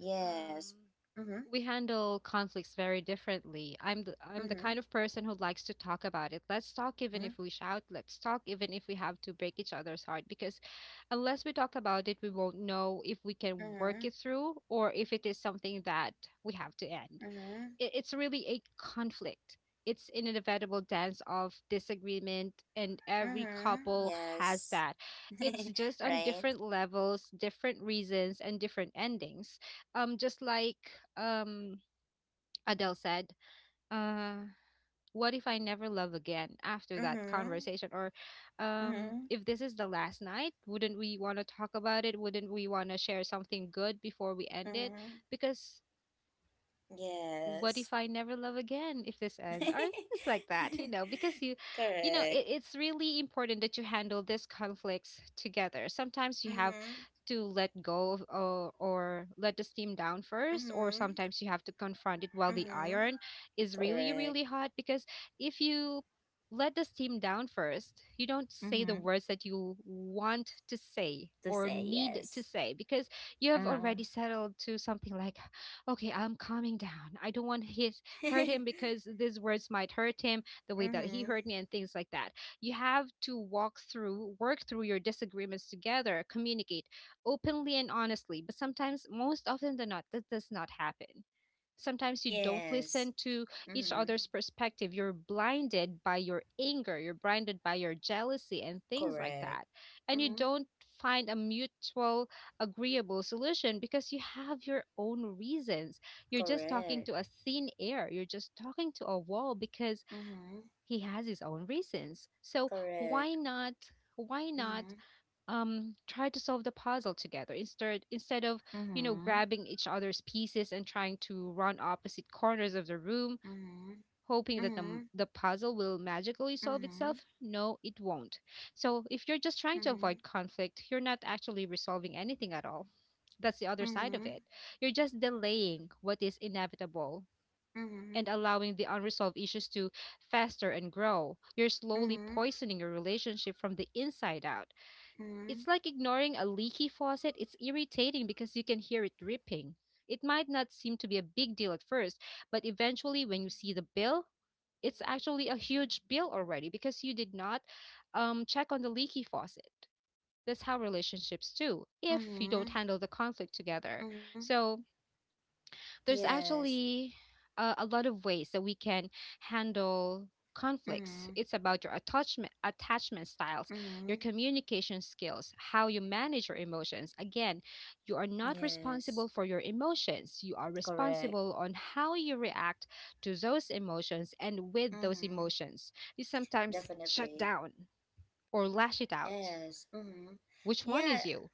S1: yes,
S2: Um,
S1: mm-hmm,
S2: we handle conflicts very differently. I'm the
S1: mm-hmm.
S2: kind of person who likes to talk about it. Let's talk
S1: Mm-hmm.
S2: even if we shout. Let's talk even if we have to break each other's heart, because unless we talk about it, we won't know if we can
S1: Mm-hmm.
S2: work it through or if it is something that we have to end.
S1: Mm-hmm.
S2: It's really a conflict. It's an inevitable dance of disagreement, and every
S1: Mm-hmm.
S2: couple has
S1: Yes.
S2: that. It's just on
S1: Right?
S2: different levels, different reasons, and different endings. Just like um Adele said, uh, what if I never love again after that
S1: Mm-hmm.
S2: conversation? Or
S1: Mm-hmm.
S2: if this is the last night, wouldn't we want to talk about it? Wouldn't we want to share something good before we end it?
S1: Mm-hmm.
S2: Because what
S1: Yes.
S2: if I never love again if this ends? Or things like that, you know, because you, you know, it,
S1: Correct.
S2: it's really important that you handle these conflicts together. Sometimes you have
S1: Mm-hmm.
S2: to let go of, or let the steam down first, or
S1: Mm-hmm.
S2: sometimes you have to confront it while the
S1: Mm-hmm.
S2: iron is really,
S1: Correct.
S2: really hot. Because if you let the steam down first, you don't say the
S1: Mm-hmm.
S2: words that you want to say
S1: To
S2: or
S1: say
S2: need to
S1: yes.
S2: say, because you have
S1: Uh-huh.
S2: already settled to something like, okay, I'm calming down, I don't want his hurt him, because these words might hurt him, the way that he
S1: Mm-hmm.
S2: hurt me and things like that. You have to walk through, work through your disagreements together, communicate openly and honestly. But sometimes most often than not, that does not happen. Sometimes you don't
S1: Yes.
S2: listen to each
S1: Mm-hmm.
S2: other's perspective, you're blinded by your anger, you're blinded by your jealousy and things like
S1: Correct.
S2: that, and you
S1: Mm-hmm.
S2: don't find a mutual agreeable solution because you have your own reasons. You're just talking
S1: Correct.
S2: to a thin air, you're just talking to a wall, because
S1: Mm-hmm.
S2: he has his own reasons. So why
S1: Correct.
S2: not why not
S1: Mm-hmm.
S2: try to solve the puzzle together instead of
S1: Mm-hmm.
S2: grabbing each other's pieces and trying to run opposite corners of the room,
S1: Mm-hmm.
S2: hoping that the, m-
S1: Mhm,
S2: the puzzle will magically solve
S1: mhm,
S2: itself. No, it won't. So if you're just trying to avoid
S1: mhm,
S2: conflict, you're not actually resolving anything at all. That's the other side of it.
S1: mhm,
S2: You're just delaying what is inevitable, and
S1: mhm,
S2: allowing the unresolved issues to fester and grow. You're slowly
S1: mhm,
S2: poisoning your relationship from the inside out. It's
S1: mhm,
S2: like ignoring a leaky faucet. It's irritating because you can hear it dripping. It might not seem to be a big deal at first, but eventually, when you see the bill, it's actually a huge bill already because you did not check on the leaky faucet. That's how relationships do if you don't
S1: mhm,
S2: handle the conflict together.
S1: mhm.
S2: So, there's
S1: Yes.
S2: actually a lot of ways that we can handle conflicts.
S1: Mhm,
S2: It's about your attachment styles, your
S1: mhm.
S2: communication skills, how you manage your emotions. Again, you are not
S1: Yes.
S2: responsible for your emotions. You are
S1: Correct.
S2: responsible on how you react to those emotions and with those
S1: Mhm.
S2: emotions. You sometimes shut
S1: Definitely.
S2: down or lash it out.
S1: Yes. Mhm.
S2: Which one is
S1: Yeah,
S2: you?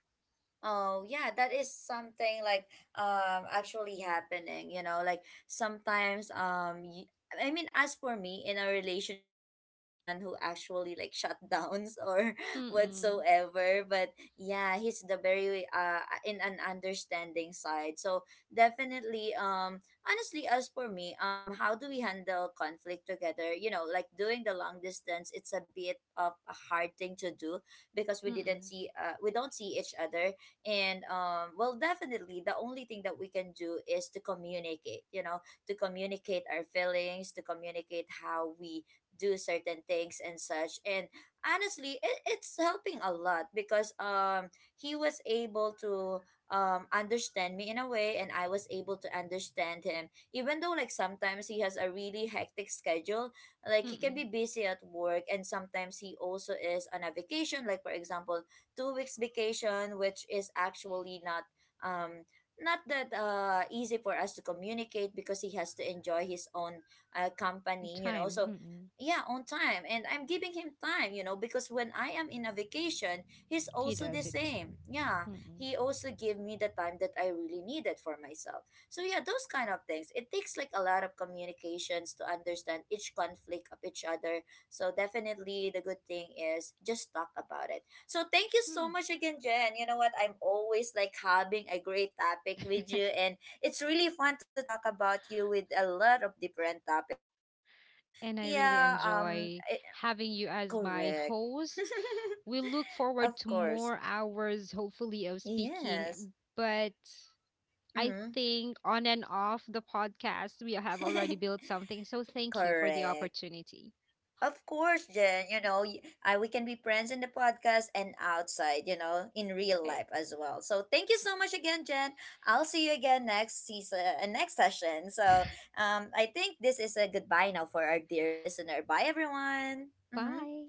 S1: oh, yeah, that is something like actually happening, you know, like sometimes y- I mean as for me in a relationship, I am the one who actually like shut downs or
S2: Mm-mm,
S1: whatsoever, but yeah, he's the very in an understanding side. So definitely honestly as for me, how do we handle conflict together? You know, like doing the long distance, it's a bit of a hard thing to do because
S2: mm-mm,
S1: we don't see each other, and well, definitely the only thing that we can do is to communicate, you know, to communicate our feelings, to communicate how we do certain things and such. And honestly, it, it's helping a lot because he was able to understand me in a way, and I was able to understand him even though like sometimes he has a really hectic schedule, like he can be
S2: mm-mm.
S1: busy at work. And sometimes he also is on a vacation, like for example 2 weeks vacation, which is actually not um not that easy for us to communicate because he has to enjoy his own company, you know.
S2: Time.
S1: So
S2: Mm-mm.
S1: yeah, on time, and I'm giving him time, you know, because when I am in a vacation, he's
S2: He
S1: also the
S2: does it too.
S1: same. Yeah,
S2: Mm-mm.
S1: he also gave me the time that I really needed for myself. So yeah, those kind of things. It takes like a lot of communications to understand each conflict of each other. So definitely the good thing is just talk about it. So thank you so
S2: Mm.
S1: much again, Jen. You know what? I'm always like having a great topic with you, and it's really fun to talk about you with a lot of different topics. But then again,
S2: And I really
S1: yeah,
S2: enjoy
S1: I,
S2: having you as my
S1: correct.
S2: host. We look
S1: Of
S2: forward to
S1: course,
S2: more hours, hopefully, of
S1: yes.
S2: speaking. But I
S1: Mm-hmm.
S2: think on and off the podcast, we have already built something. So thank you for the
S1: Correct.
S2: opportunity.
S1: Of course, Jen. You know, y- I, we can be friends in the podcast and outside, you know, in real
S2: Right.
S1: life as well. So thank you so much again, Jen. I'll see you again next season, next session. So I think this is a goodbye now for our dear listener. Bye, everyone. Mm-hmm.
S2: Bye.